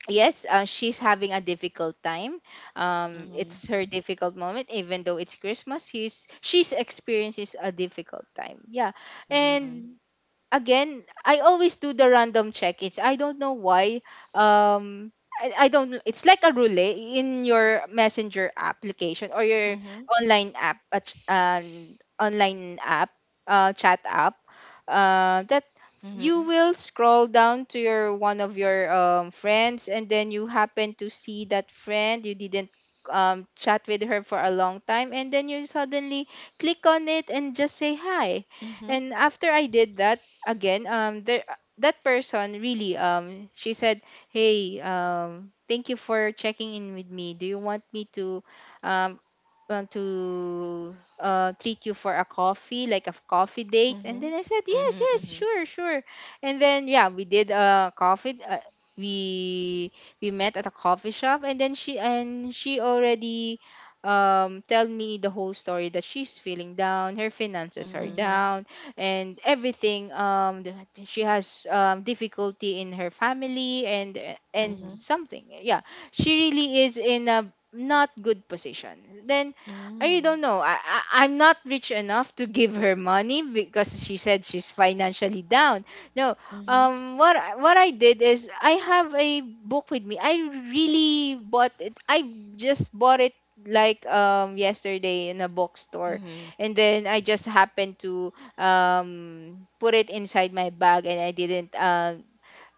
yes, she's having a difficult time.
Mhm.
It's her difficult moment even though it's Christmas. She's experiences a difficult time. Yeah.
Mhm.
And again, I always do the random check-ins. I don't know why. Um, I don't. It's like a roulette in your messenger application or your
Mhm.
online app, an online app, chat app that you
Mhm.
will scroll down to your one of your friends, and then you happen to see that friend you didn't chat with her for a long time, and then you suddenly click on it and just say hi.
Mhm.
And after I did that again, there that person really she said, hey, thank you for checking in with me. Do you want me to um want to treat you for a coffee, like a coffee date? And
Mhm.
then I said, yes,
Mhm.
yes,
Mhm.
sure, sure. And then yeah, we did a coffee. We we met at a coffee shop, and then she already tell me the whole story that she's feeling down, her finances are
Mhm.
Mhm.
down, and everything. She has difficulty in her family and
Mhm.
Mhm.
something. Yeah, she really is in a not good position. Then I really
Mm.
don't know. I'm not rich enough to give her money because she said she's financially down. No,
Mhm.
what I did is I have a book with me. I really bought it. I just bought it like yesterday in a bookstore,
Mhm.
and then I just happened to put it inside my bag, and I didn't uh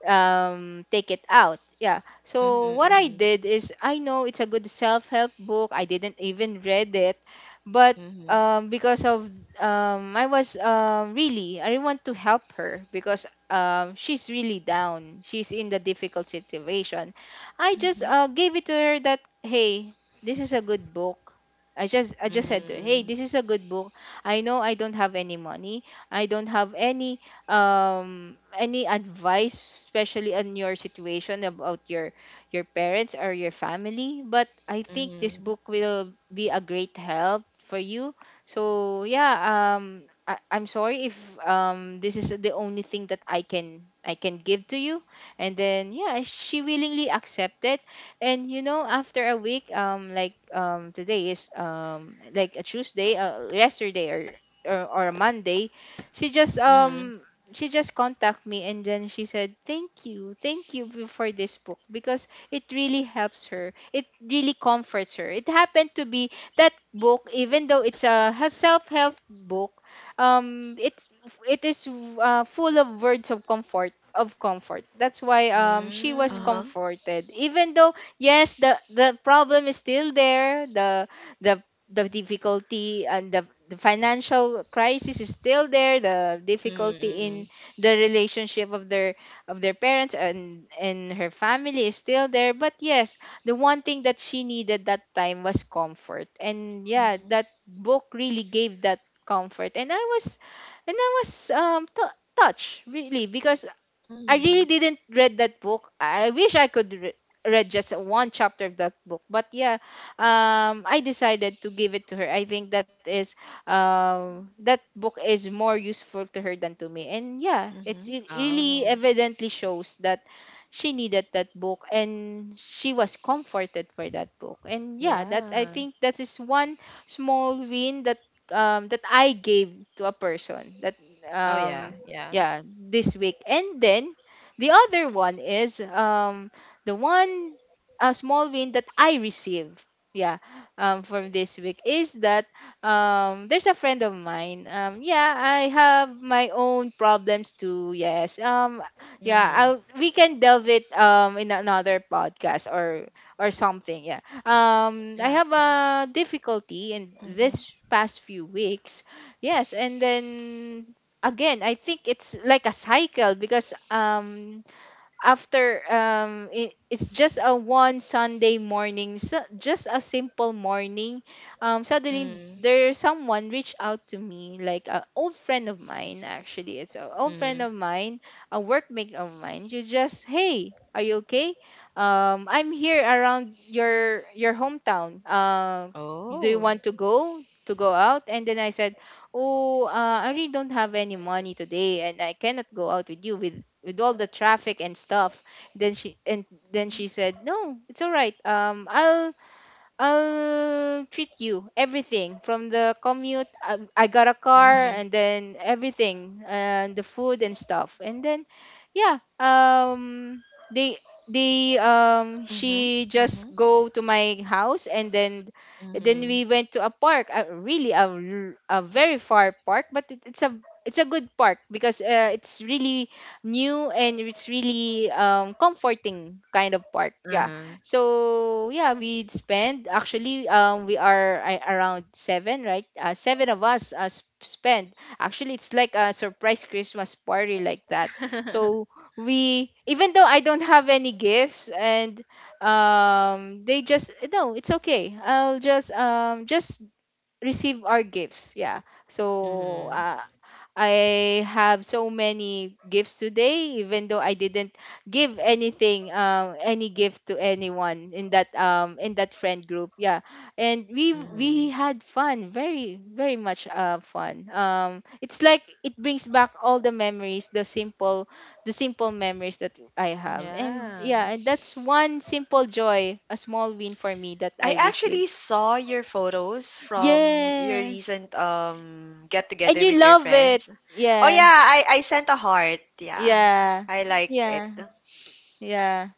um, take it out. Yeah. So what I
Mhm.
did is I know it's a good self-help book. I didn't even read it, but
Mhm.
because of I really want to help her because she's really down. She's in the difficult situation. I just
Mhm.
gave it to her that, hey, this is a good book. I
Mhm. Mhm.
just said to her, hey,
Mhm.
this is a good book. I know I don't have any money. I don't have any advice, especially on your situation about your parents or your family, but I think this
Mhm.
book will be a great help for you. So yeah, I'm sorry if this is the only thing that I can give to you. And then yeah, she willingly accepted. And you know, after a week, today is like a Tuesday, yesterday or or a Monday, she just
Mhm.
um she just contacted me and then she said, thank you, thank you, for this book because it really helps her, it really comforts her. It happened to be that book, even though it's a self-help book, um it's it is, full of words of comfort, of comfort. That's why she was
Mm.
Uh-huh.
comforted. Even though yes, the problem is still there, the the difficulty and the financial crisis is still there, the
Mm,
difficulty in
mm.
the relationship of their parents and her family is still there. But yes, the one thing that she needed that time was comfort, and yeah,
Mhm.
that book really gave that comfort. And I was touched really because I really
Mhm.
didn't read that book. I wish I could read just one chapter of that book. But yeah, I decided to give it to her. I think that is that book is more useful to her than to me. And yeah,
Mhm.
it really
Oh,
evidently shows that she needed that book and she was comforted for that book. And yeah, that, I
yeah.
think that is one small win that that I gave to a person that
Oh, yeah,
um
yeah.
yeah this week. And then the other one is, the one a small win that I receive. Yeah, from this week is that there's a friend of mine. Yeah, I have my own problems too. Yes. Yeah,
Mhm.
I'll we can delve it in another podcast or something. Yeah. I
Yeah,
have
yeah.
a difficulty in
Mhm.
this past few weeks. Yes, and then again, I think it's like a cycle because after it, it's just a one Sunday morning, so just a simple morning. Suddenly
Mm.
there, someone reached out to me like an old friend of mine. Actually, it's an old friend
Mhm.
of mine, a workmate of mine. She just, hey, are you okay? I'm here around your hometown. Do you want
Oh.
to go out? And then I said, oh, I really don't have any money today and I cannot go out with you with all the traffic and stuff. then she and then
Mhm.
she said, no, it's all right. I'll treat you everything from the commute. I got a car
Mhm.
and then everything and the food and stuff. And then, yeah, they they
Mhm.
she just
Mhm.
go to my house, and then
Mhm.
we went to a park. A very far park, but it's a good park because it's really new and it's really comforting kind of park. Yeah,
Uh-huh.
so yeah, we spend actually around seven, right? Seven of us spend, actually it's like a surprise Christmas party like that. So
*laughs*
we, even though I don't have any gifts, and they just, no, it's okay, I'll just receive our gifts. Yeah. So
Mhm.
I have so many gifts today, even though I didn't give anything, any gift to anyone in that friend group. Yeah, and we
Mhm.
had fun, very very much fun. It's like it brings back all the memories, the simple memories that I have.
Mhm.
And
Yeah.
yeah, and that's one simple joy, a small win for me that
I
I received.
actually saw your photos from your
Yes,
recent get
and
together
you
with your
love it.
friends. Oh
Yeah,
yeah, I sent a heart. Yeah.
yeah,
I liked it.
yeah. Yeah.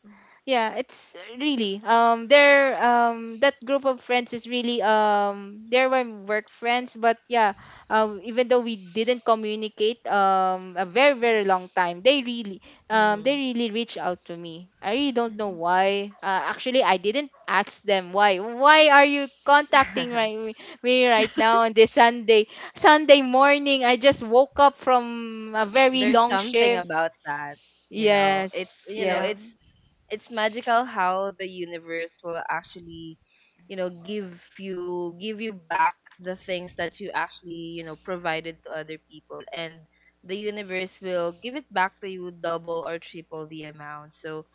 Yeah, it's really there that group of friends is really there were work friends. But yeah, even though we didn't communicate a very long time, they
Mhm.
really reached out to me. I really don't
Mhm.
know why. Actually, I didn't ask them why. Why are you contacting right
*laughs*
me right now on this Sunday morning? I just woke up from a very
There's
long
something
shift.
about that, you know. It's
Yes.
you know,
Yeah.
Yeah.
it's it's magical how the universe will actually give you back the things that you actually provided to other people, and the universe will give it back to you double or triple the amount. So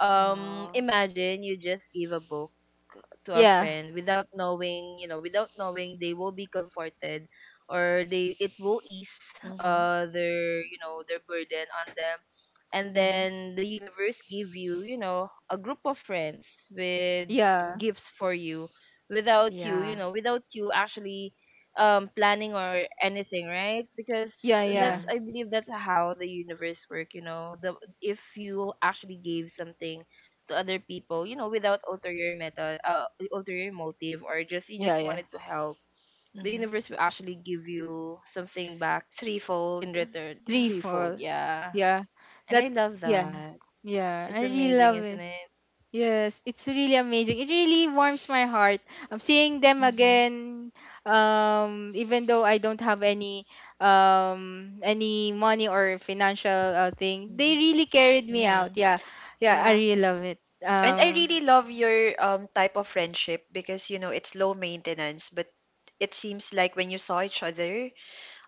Wow.
imagine you just give a book to our
Yeah.
friend without knowing, they will be comforted or they it will ease,
Mhm.
their you know their burden on them, and
Mhm.
then the universe give you, you know a group of friends with
Yeah,
gifts for you without you,
Yeah.
actually planning or anything, right? Because
yeah, yeah,
Yeah.
that's, I believe, that's how the universe work. You know, the if you actually gave something to other people, you know, without ulterior ulterior motive, or just you
yeah,
just
yeah.
wanted to help, the
Mhm.
universe will actually give you something back in
Threefold.
return,
Yeah.
Three,
threefold.
four.
Yeah,
Yeah,
and
that.
I love
Yeah,
that.
yeah.
It's
I really
amazing,
love it.
isn't it?
Yes, it's really amazing. It really warms my heart. I'm seeing them
Mhm.
again. Even though I don't have any money or financial thing, they
Mhm.
really carried me
Mm-hmm.
out. Yeah, yeah. I
Yeah.
really love it.
And I really love your type of friendship, because it's low maintenance, but it seems like when you saw each other,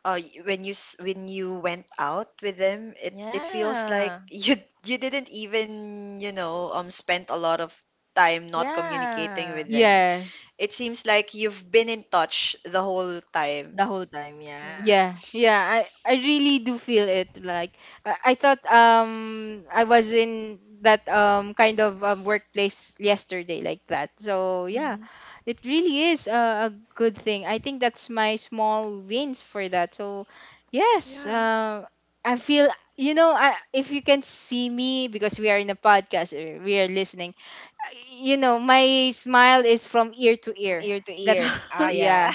when you went out with them, it feels like
Yeah,
*laughs* you didn't even spent a lot of time not communicating
yeah.
with them.
Yes.
It seems like you've been in touch the whole
The
time,
whole time, yeah.
yeah.
Yeah, yeah, I really do feel it. Like I thought I was in that kind of workplace yesterday like that. So yeah,
Hmm.
it really is a good thing. I think that's my small wins for that. So yes,
Yeah.
I feel you know I if you can see me because we are in a podcast, we are listening. You know my smile is from ear to
From
ear.
ear to ear.
That's
Ah,
*laughs*
yeah
yeah.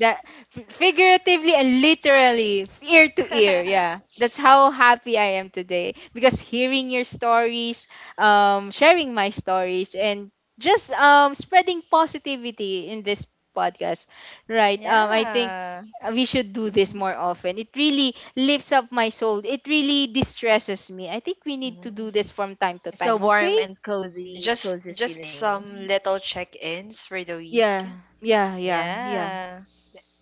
that figuratively and literally ear to ear.
*laughs*
Yeah, that's how happy I am today because hearing your stories, sharing my stories, and just spreading positivity in this podcast, right? I think
Yeah.
we should do this
Hmm.
more often. It really lifts up my soul. It really distresses me. I think we need to do this from time to
It's a
time,
warm
okay?
and cozy,
just
cozy
just some
feeling.
little check-ins for the week.
Yeah, yeah, yeah, yeah.
Yeah.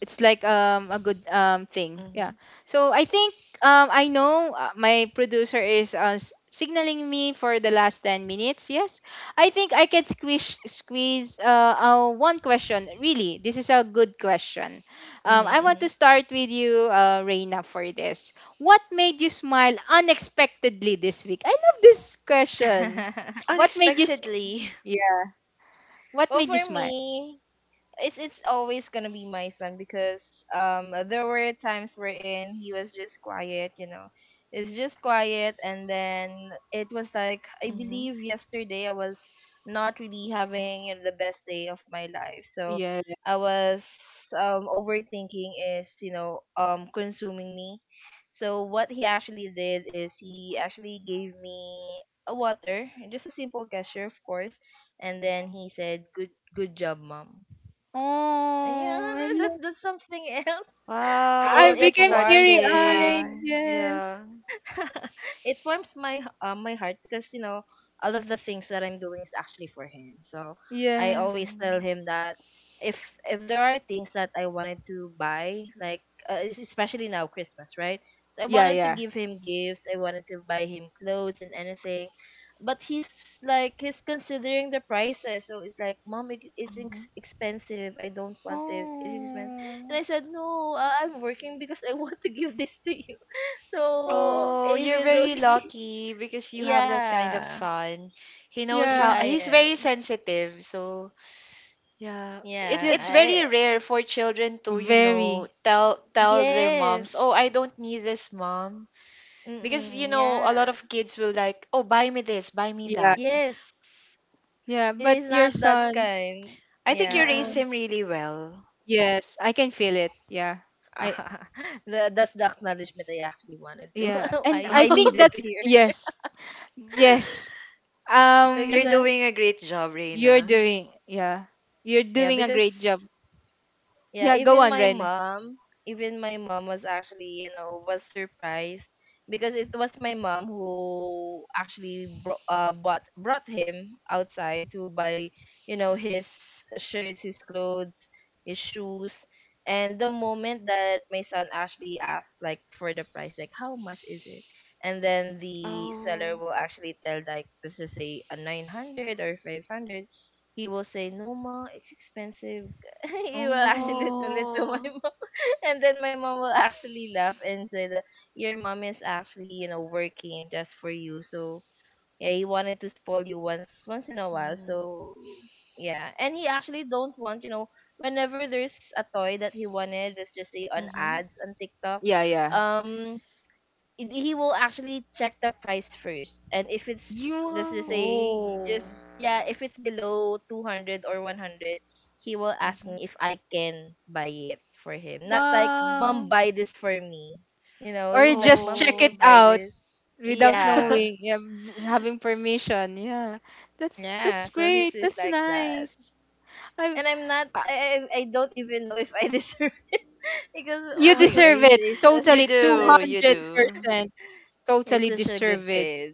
It's like a good thing, yeah.
Hmm.
So I think I know my producer is signaling me for the last 10 minutes. Yes, I think I can squish squeeze one question. Really, this is a good question. I want to
Mm-hmm,
start with you, Reina, for this. What made you smile unexpectedly this week? I love this question.
mm-hmm.
What made you
*laughs*
Unexpectedly.
yeah, what
Well,
made you
for
smile?
me, it's always gonna be my son, because there were times wherein he was just quiet, you know. It's just quiet, and then it was like, I
*laughs* Hmm.
believe yesterday I was not really having, the best day of my life. So
Yeah,
I was, overthinking is, consuming me. So what he actually did is he actually gave me a water, just a simple gesture of course, and then he said, good job, mom. Yeah,
oh
no,
i
that's something *laughs* else.
I
It
Wow,
it
that's
became
warms my
teary-eyed.
heart.
touching.
Yes.
Yeah.
*laughs* It warms my heart because, all of the things that I'm doing is actually for him. So I
Yes.
always tell
Mm-hmm.
him that, if if there are things that I wanted to buy, like, especially now Christmas, right? So I
Yeah,
wanted to
yeah.
give him gifts, I wanted to buy him clothes and anything. But he's considering the prices, so it's like, mom,
Mm-hmm.
expensive. I don't want it. It's expensive. And
Oh.
I said, no, I'm working because I *laughs* want to give this to you.
Oh.
So
Oh, you're
even though
very
she,
lucky because you have that kind of
yeah,
son. He knows
I
Yeah.
how
I
he's very
am.
sensitive, so yeah. It's
Yeah.
it's very
Yeah, I,
rare for children to, you know,
Very.
tell tell their
yes.
moms, "Oh, I don't need this, mom." Because
Mm-mm, yeah.
a lot of kids will like, "Oh, buy me this, buy me
Yeah.
that."
Yes.
Yeah.
It
But
is
your
not that
son,
kind.
I think you raised
Yeah.
no.
him really well.
Yes, I can feel it. Yeah. I
*laughs* That's the acknowledgement I actually wanted to.
yeah.
*laughs*
And
I
I
I
think
*laughs*
needed to
that's
hear.
yes.
*laughs*
Yes.
Because,
You're
Um,
doing a great job,
you're
Reina.
doing, yeah. You're
yeah
doing a
because.
great job.
Yeah,
Yeah, go
even
on,
my
Ren.
mom, even my mom was actually, was surprised because it was my mom who actually bro- bought brought him outside to buy, his shirts, his clothes, his shoes. And the moment that my son actually asked, like, for the price, like, how much is it? And then the seller
Oh.
will actually tell, like, let's just say a 900 or 500, he will say, "No, ma, it's expensive." *laughs* You will actually *laughs* tell
Oh.
it to my
Oh.
mom, *laughs* and then my mom will actually laugh and say that your mom is actually working just for you. So yeah, he wanted to spoil you once in a while.
Mm-hmm.
So yeah, and he actually don't want, whenever there's a toy that he wanted, let's just say on
Mm-hmm.
ads on TikTok,
Yeah, yeah.
um he will actually check the price first. And if it's let's just
You
say
Oh.
just yeah if it's below 200 or 100, he will ask
Mm-hmm.
me if I can buy it for him, not like,
Mm-hmm.
mom,
wow.
buy this for me,
Or
he's like,
just
mom, can
check
you
it
Oh.
buy
out
this.
without
Yeah,
knowing,
*laughs*
yeah, just having permission. Yeah,
yeah,
that's
so he's,
great.
he's
That's
like that.
nice. I,
And i'm not
I
I, I I don't even know if I deserve. *laughs* Because oh
you
my god,
deserve it
You
totally,
he's
two
a
do, you
hundred
do.
percent.
he's
Totally
such a good
deserve it.
kid.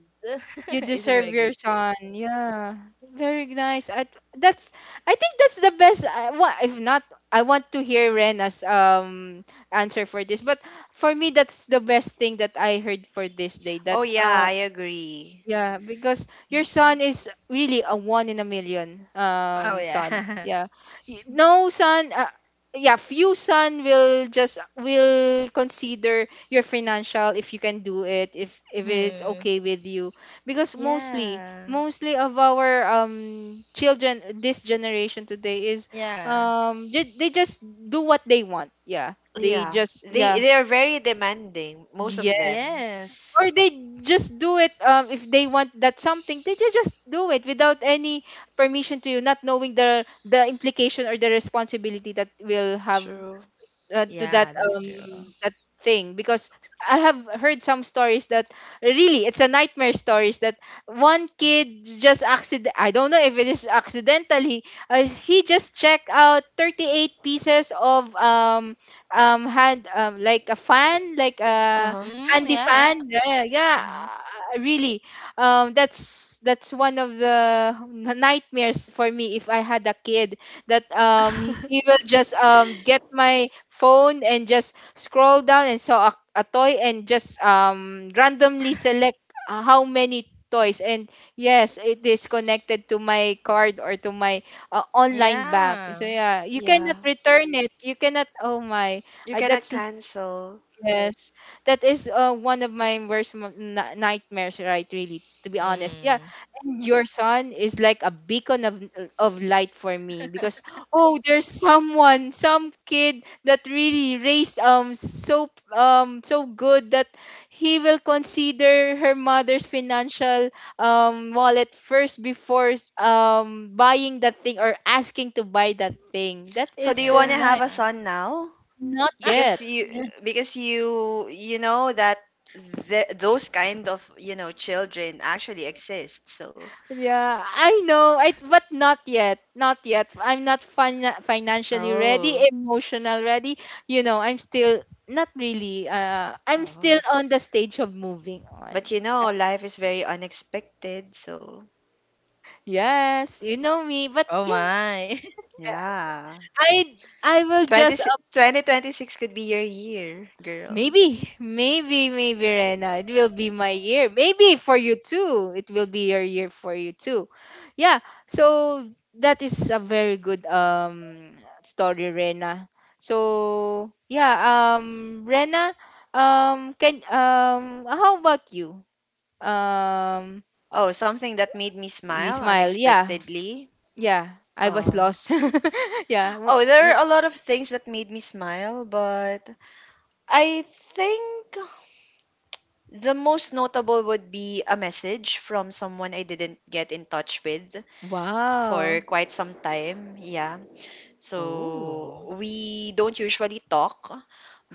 You
*laughs* He's a very
deserve your
good kid.
son. Yeah, very nice. I, that's I think that's the best. I, if not, I want to hear Rena's answer for this. But for me, that's the best thing that I heard for this day. That
Oh yeah,
uh,
I agree.
yeah, because your
Hmm.
son is really a one in a million
Oh
son.
yeah. *laughs*
Yeah. No son yeah, few son will just will consider your financial if you can do it, if it's
Hmm.
okay with you. Because mostly
Yeah.
mostly of our children this generation today is
Yeah.
they just do what they want. Yeah. They
Yeah.
just
They,
yeah
they're very demanding, most of them.
Yes.
or they just do it if they want that something, they just do it without any permission to you, not knowing the implication or the responsibility that will have
True.
to that
Yeah, that's true.
that thing. Because I have heard some stories that really it's a nightmare stories that one kid just accident, I don't know if it is accidentally, he just checked out 38 pieces of hand like a fan, like a
Uh-huh.
Mm,
handy
yeah,
fan.
yeah.
Yeah, yeah,
Hmm.
really that's one of the nightmares for me if I had a kid that he will just get my phone and just scroll down and saw a toy and just randomly select how many toys. And yes, it is connected to my card or to my online bank. So
Yeah.
yeah, you cannot
Yeah.
return it, you cannot, oh my,
You
I,
cannot
that's
cancel.
yes, that is one of my worst nightmares, right? Really, to be honest. Yeah,
Mm,
and your son is like a beacon of light for me because oh, there's someone, some kid that really raised so so good that he will consider her mother's financial wallet first before buying that thing or asking to buy that thing. That
So
is
do you want
so
to have
nice.
a
yeah.
son now?
Not yet.
Because you
*laughs*
because you you know that those kind of, children actually exist. So,
Yeah, I know. I but not yet. Not yet. I'm not financially ready,
oh.
emotional ready. You know, I'm still not really I'm still
Oh.
on the stage of moving
But
on. Yeah.
life is very unexpected, so
Yes, you know me, but
Oh
yeah,
my. *laughs*
yeah.
I will
20
just
2026 could be your year, girl.
maybe, maybe, maybe, Rena, it will be my year. Maybe for you too. It will be your year for you too. Yeah. So that is a very good story, Rena. So yeah, Rena, can how about you? Um,
Oh, something that made me
you
smile
smile. Yeah,
unexpectedly.
yeah. I was
Uh,
lost. *laughs* Yeah. w-
oh, there
w-
are a lot of things that made me smile, but I think the most notable would be a message from someone I didn't get in touch with for
Wow.
quite some time. Yeah.
Oh.
So we don't usually talk,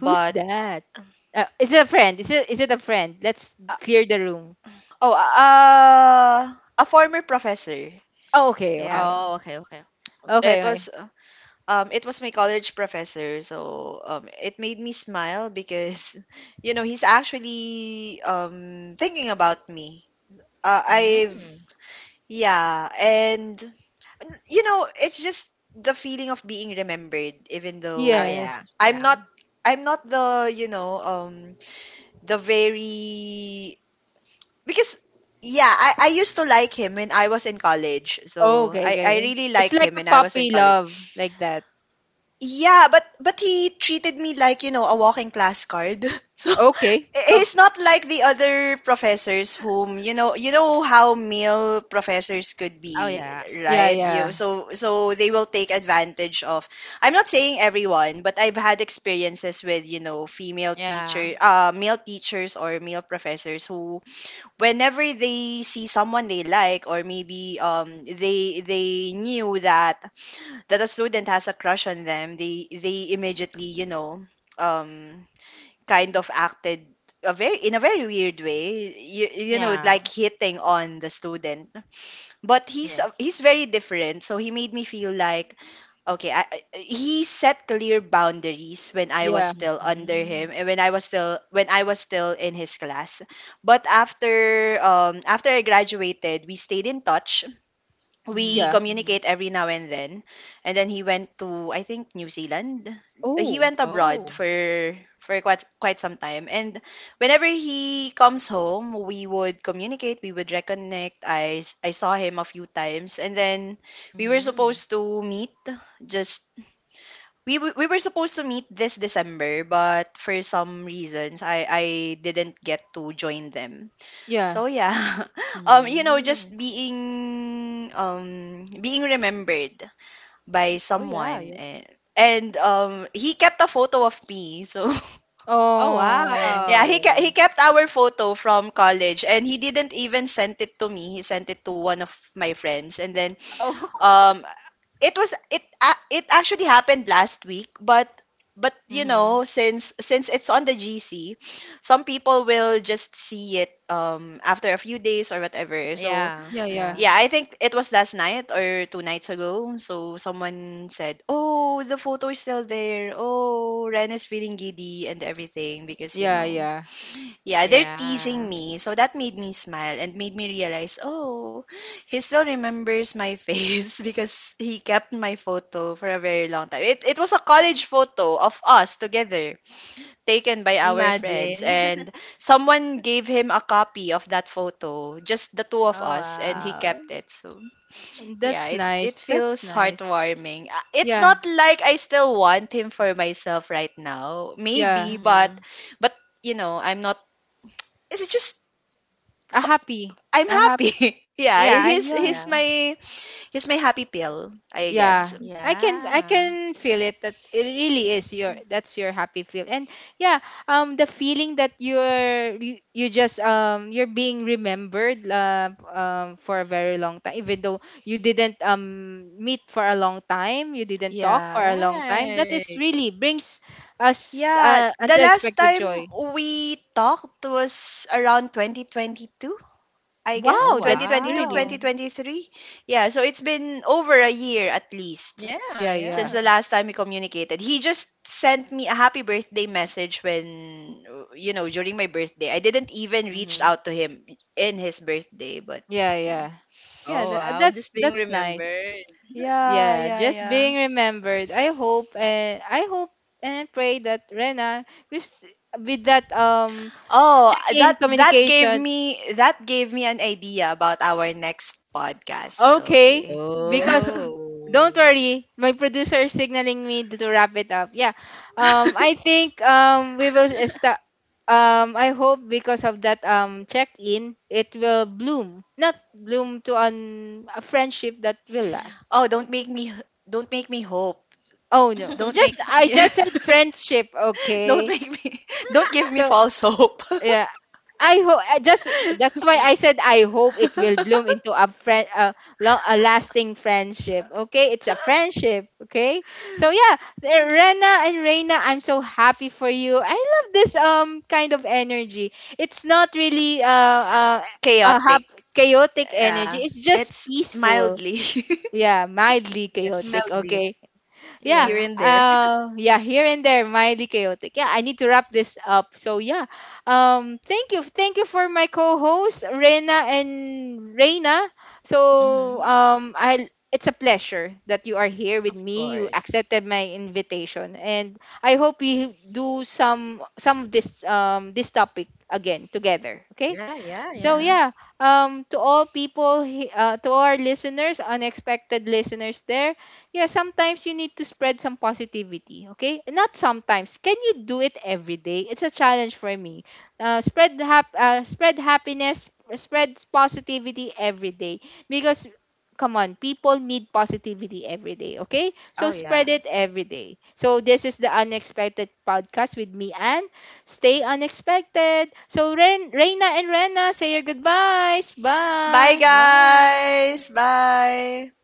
Who's that? Is it a friend? Is it a friend? Let's
uh,
clear the room.
oh, a former professor.
Oh, okay, okay,
Yeah.
Oh, okay, okay. Okay.
okay,
It
okay.
was uh, it was my college professor, so it made me smile because, *laughs* you know, he's actually thinking about me. I've,
Mm.
yeah, and, you know, it's just the feeling of being remembered, even
Oh
though
yeah.
Yes.
I'm
Yeah.
not, I'm not the very, because, yeah, I used to like him when I was in college.
Oh,
So
okay,
I,
okay,
I
okay.
really
It's
liked
like
him
a
when I was in
puppy
college.
love, like that.
Yeah, but he treated me like, you know, a walking class card. *laughs* So
Okay.
*laughs*
Oh,
he's not like the other professors whom, you know how male professors could
oh
be,
yeah. Yeah,
Yeah,
right?
yeah.
You
yeah,
so they will take advantage of... I'm not saying everyone, but I've had experiences with, you know, female
Yeah.
teacher male teachers or male professors who whenever they see someone they like, or maybe they knew that a student has a crush on them, they immediately, um, kind of acted a very in a very weird way. You know,
Yeah.
like hitting on the student. But he's
Yes.
he's very different, so he made me feel like okay, he set clear boundaries when I was
yeah,
still under
Mhm.
him and when I was still in his class. But after after I graduated, we stayed in touch, we
Mhm.
yeah.
Mhm.
communicate every now and then. And then he went to, I think, New Zealand. He
Oh,
went abroad
Oh.
for quite quite some time. And whenever he comes home, we would communicate, we would reconnect. I I saw him a few times, and then we were
Mhm.
supposed to meet just we were supposed to meet this December, but for some reasons I didn't get to join them.
yeah.
So yeah, *laughs* you know,
Mhm.
just being being remembered by
Oh yeah, yeah.
someone, and he kept a photo of me. So *laughs*
Oh
Oh,
yeah,
wow.
he kept our photo from college, and he didn't even send it to me. He sent it to one of my friends, and then
Oh. *laughs*
um it was it it actually happened last week, but but you
Mhm.
know, since since it's on the GC, some people will just see it after a few days or whatever. So
Yeah.
yeah,
Yeah.
yeah,
yeah, I think it was last night or two nights ago. So someone said, "Oh, the photo is still there. Oh, Ren is feeling giddy" and everything, because
yeah, yeah.
yeah, they're
Yeah.
teasing me. So that made me smile and made me realize, oh, he still remembers my face. *laughs* Because he kept my photo for a very long time. It was a college photo of us together, taken by our friends,
Imagine. *laughs*
and someone gave him a copy of that photo, just the two of
Oh,
us, and he
wow.
kept it. So yeah,
That's
it
nice. That's
feels
nice.
heartwarming. It's
Yeah,
not like I still want him for myself right now.
yeah.
Maybe, but
Mhm.
but I'm not, it's just
A
ho-
happy,
I'm
a happy.
happy. *laughs* Yeah,
Yeah, I'm yeah.
Yeah.
he's my happy pill, I guess.
Yeah. I
Yeah.
can feel it that it really is your that's your happy feel. And yeah, the feeling that you're you, you just you're being remembered for a very long time, even though you didn't meet for a long time, you didn't talk for
Yeah.
a long time. That
Right.
is really brings us
Yeah, the last
unexpected
time
joy.
we talked was around 2022, I
Oh
guess.
Wow, that's
2022,
wow.
really
2023. Yeah, so it's been over a year at least
Yeah,
yeah,
since
yeah.
yeah.
the last time we communicated. He just sent me a happy birthday message when, you know, during my birthday. I didn't even reach
Mhm.
out to him in his birthday, but
Yeah,
yeah.
yeah.
Oh
Yeah,
wow, just being
that's nice.
remembered.
Yeah,
Yeah,
yeah,
just
yeah.
being remembered. I hope and pray that Rena with with that
Oh,
check-in
that that gave
communication.
me that gave me an idea about our next podcast. Oh,
Okay, because don't
Oh.
worry, my producer is signaling me to wrap it up. Yeah. I think we will start I hope because of that check-in it will bloom. Not bloom to an a friendship that will last.
oh, don't make me hope.
Oh no.
Don't
*laughs*
make
Just I
*laughs*
just said friendship,
don't
okay?
make me don't give me
So
false hope.
yeah, I hope just that's why I said I hope it will bloom into a friend a, long, a lasting friendship. Okay, it's a friendship, okay. So yeah,
*laughs*
Rena and Reina, I'm so happy for you. I love this kind of energy. It's not really a hap-
Chaotic.
chaotic
Yeah.
energy, it's just
It's
peaceful.
mildly. *laughs*
Yeah, mildly
Yes,
chaotic,
mildly
okay.
here
Yeah,
Yeah,
and there. *laughs*
yeah, here and there, mildly chaotic. Yeah, I need to wrap this up. So yeah, thank you, thank you for my co-hosts Rena and Reina. So
Mhm.
um, I, it's a pleasure that you are here
Of
with me, you
course.
accepted my invitation, and I hope we do some of this this topic again together, okay?
Yeah, yeah,
So
yeah.
mhm.
yeah, to all people, to our listeners, unexpected listeners there, yeah, sometimes you need to spread some positivity. Okay, not sometimes. Can you do it every day? It's a challenge for me. Spread spread happiness, spread positivity every day because. Come on, people need positivity every day, okay?
Oh
So
yeah.
spread it every day. So this is the Unexpected Podcast with me, Anne. Stay unexpected. So, Ren, Reina, and Rena, say your goodbyes.
Bye,
Bye.
guys.
Bye.
Bye.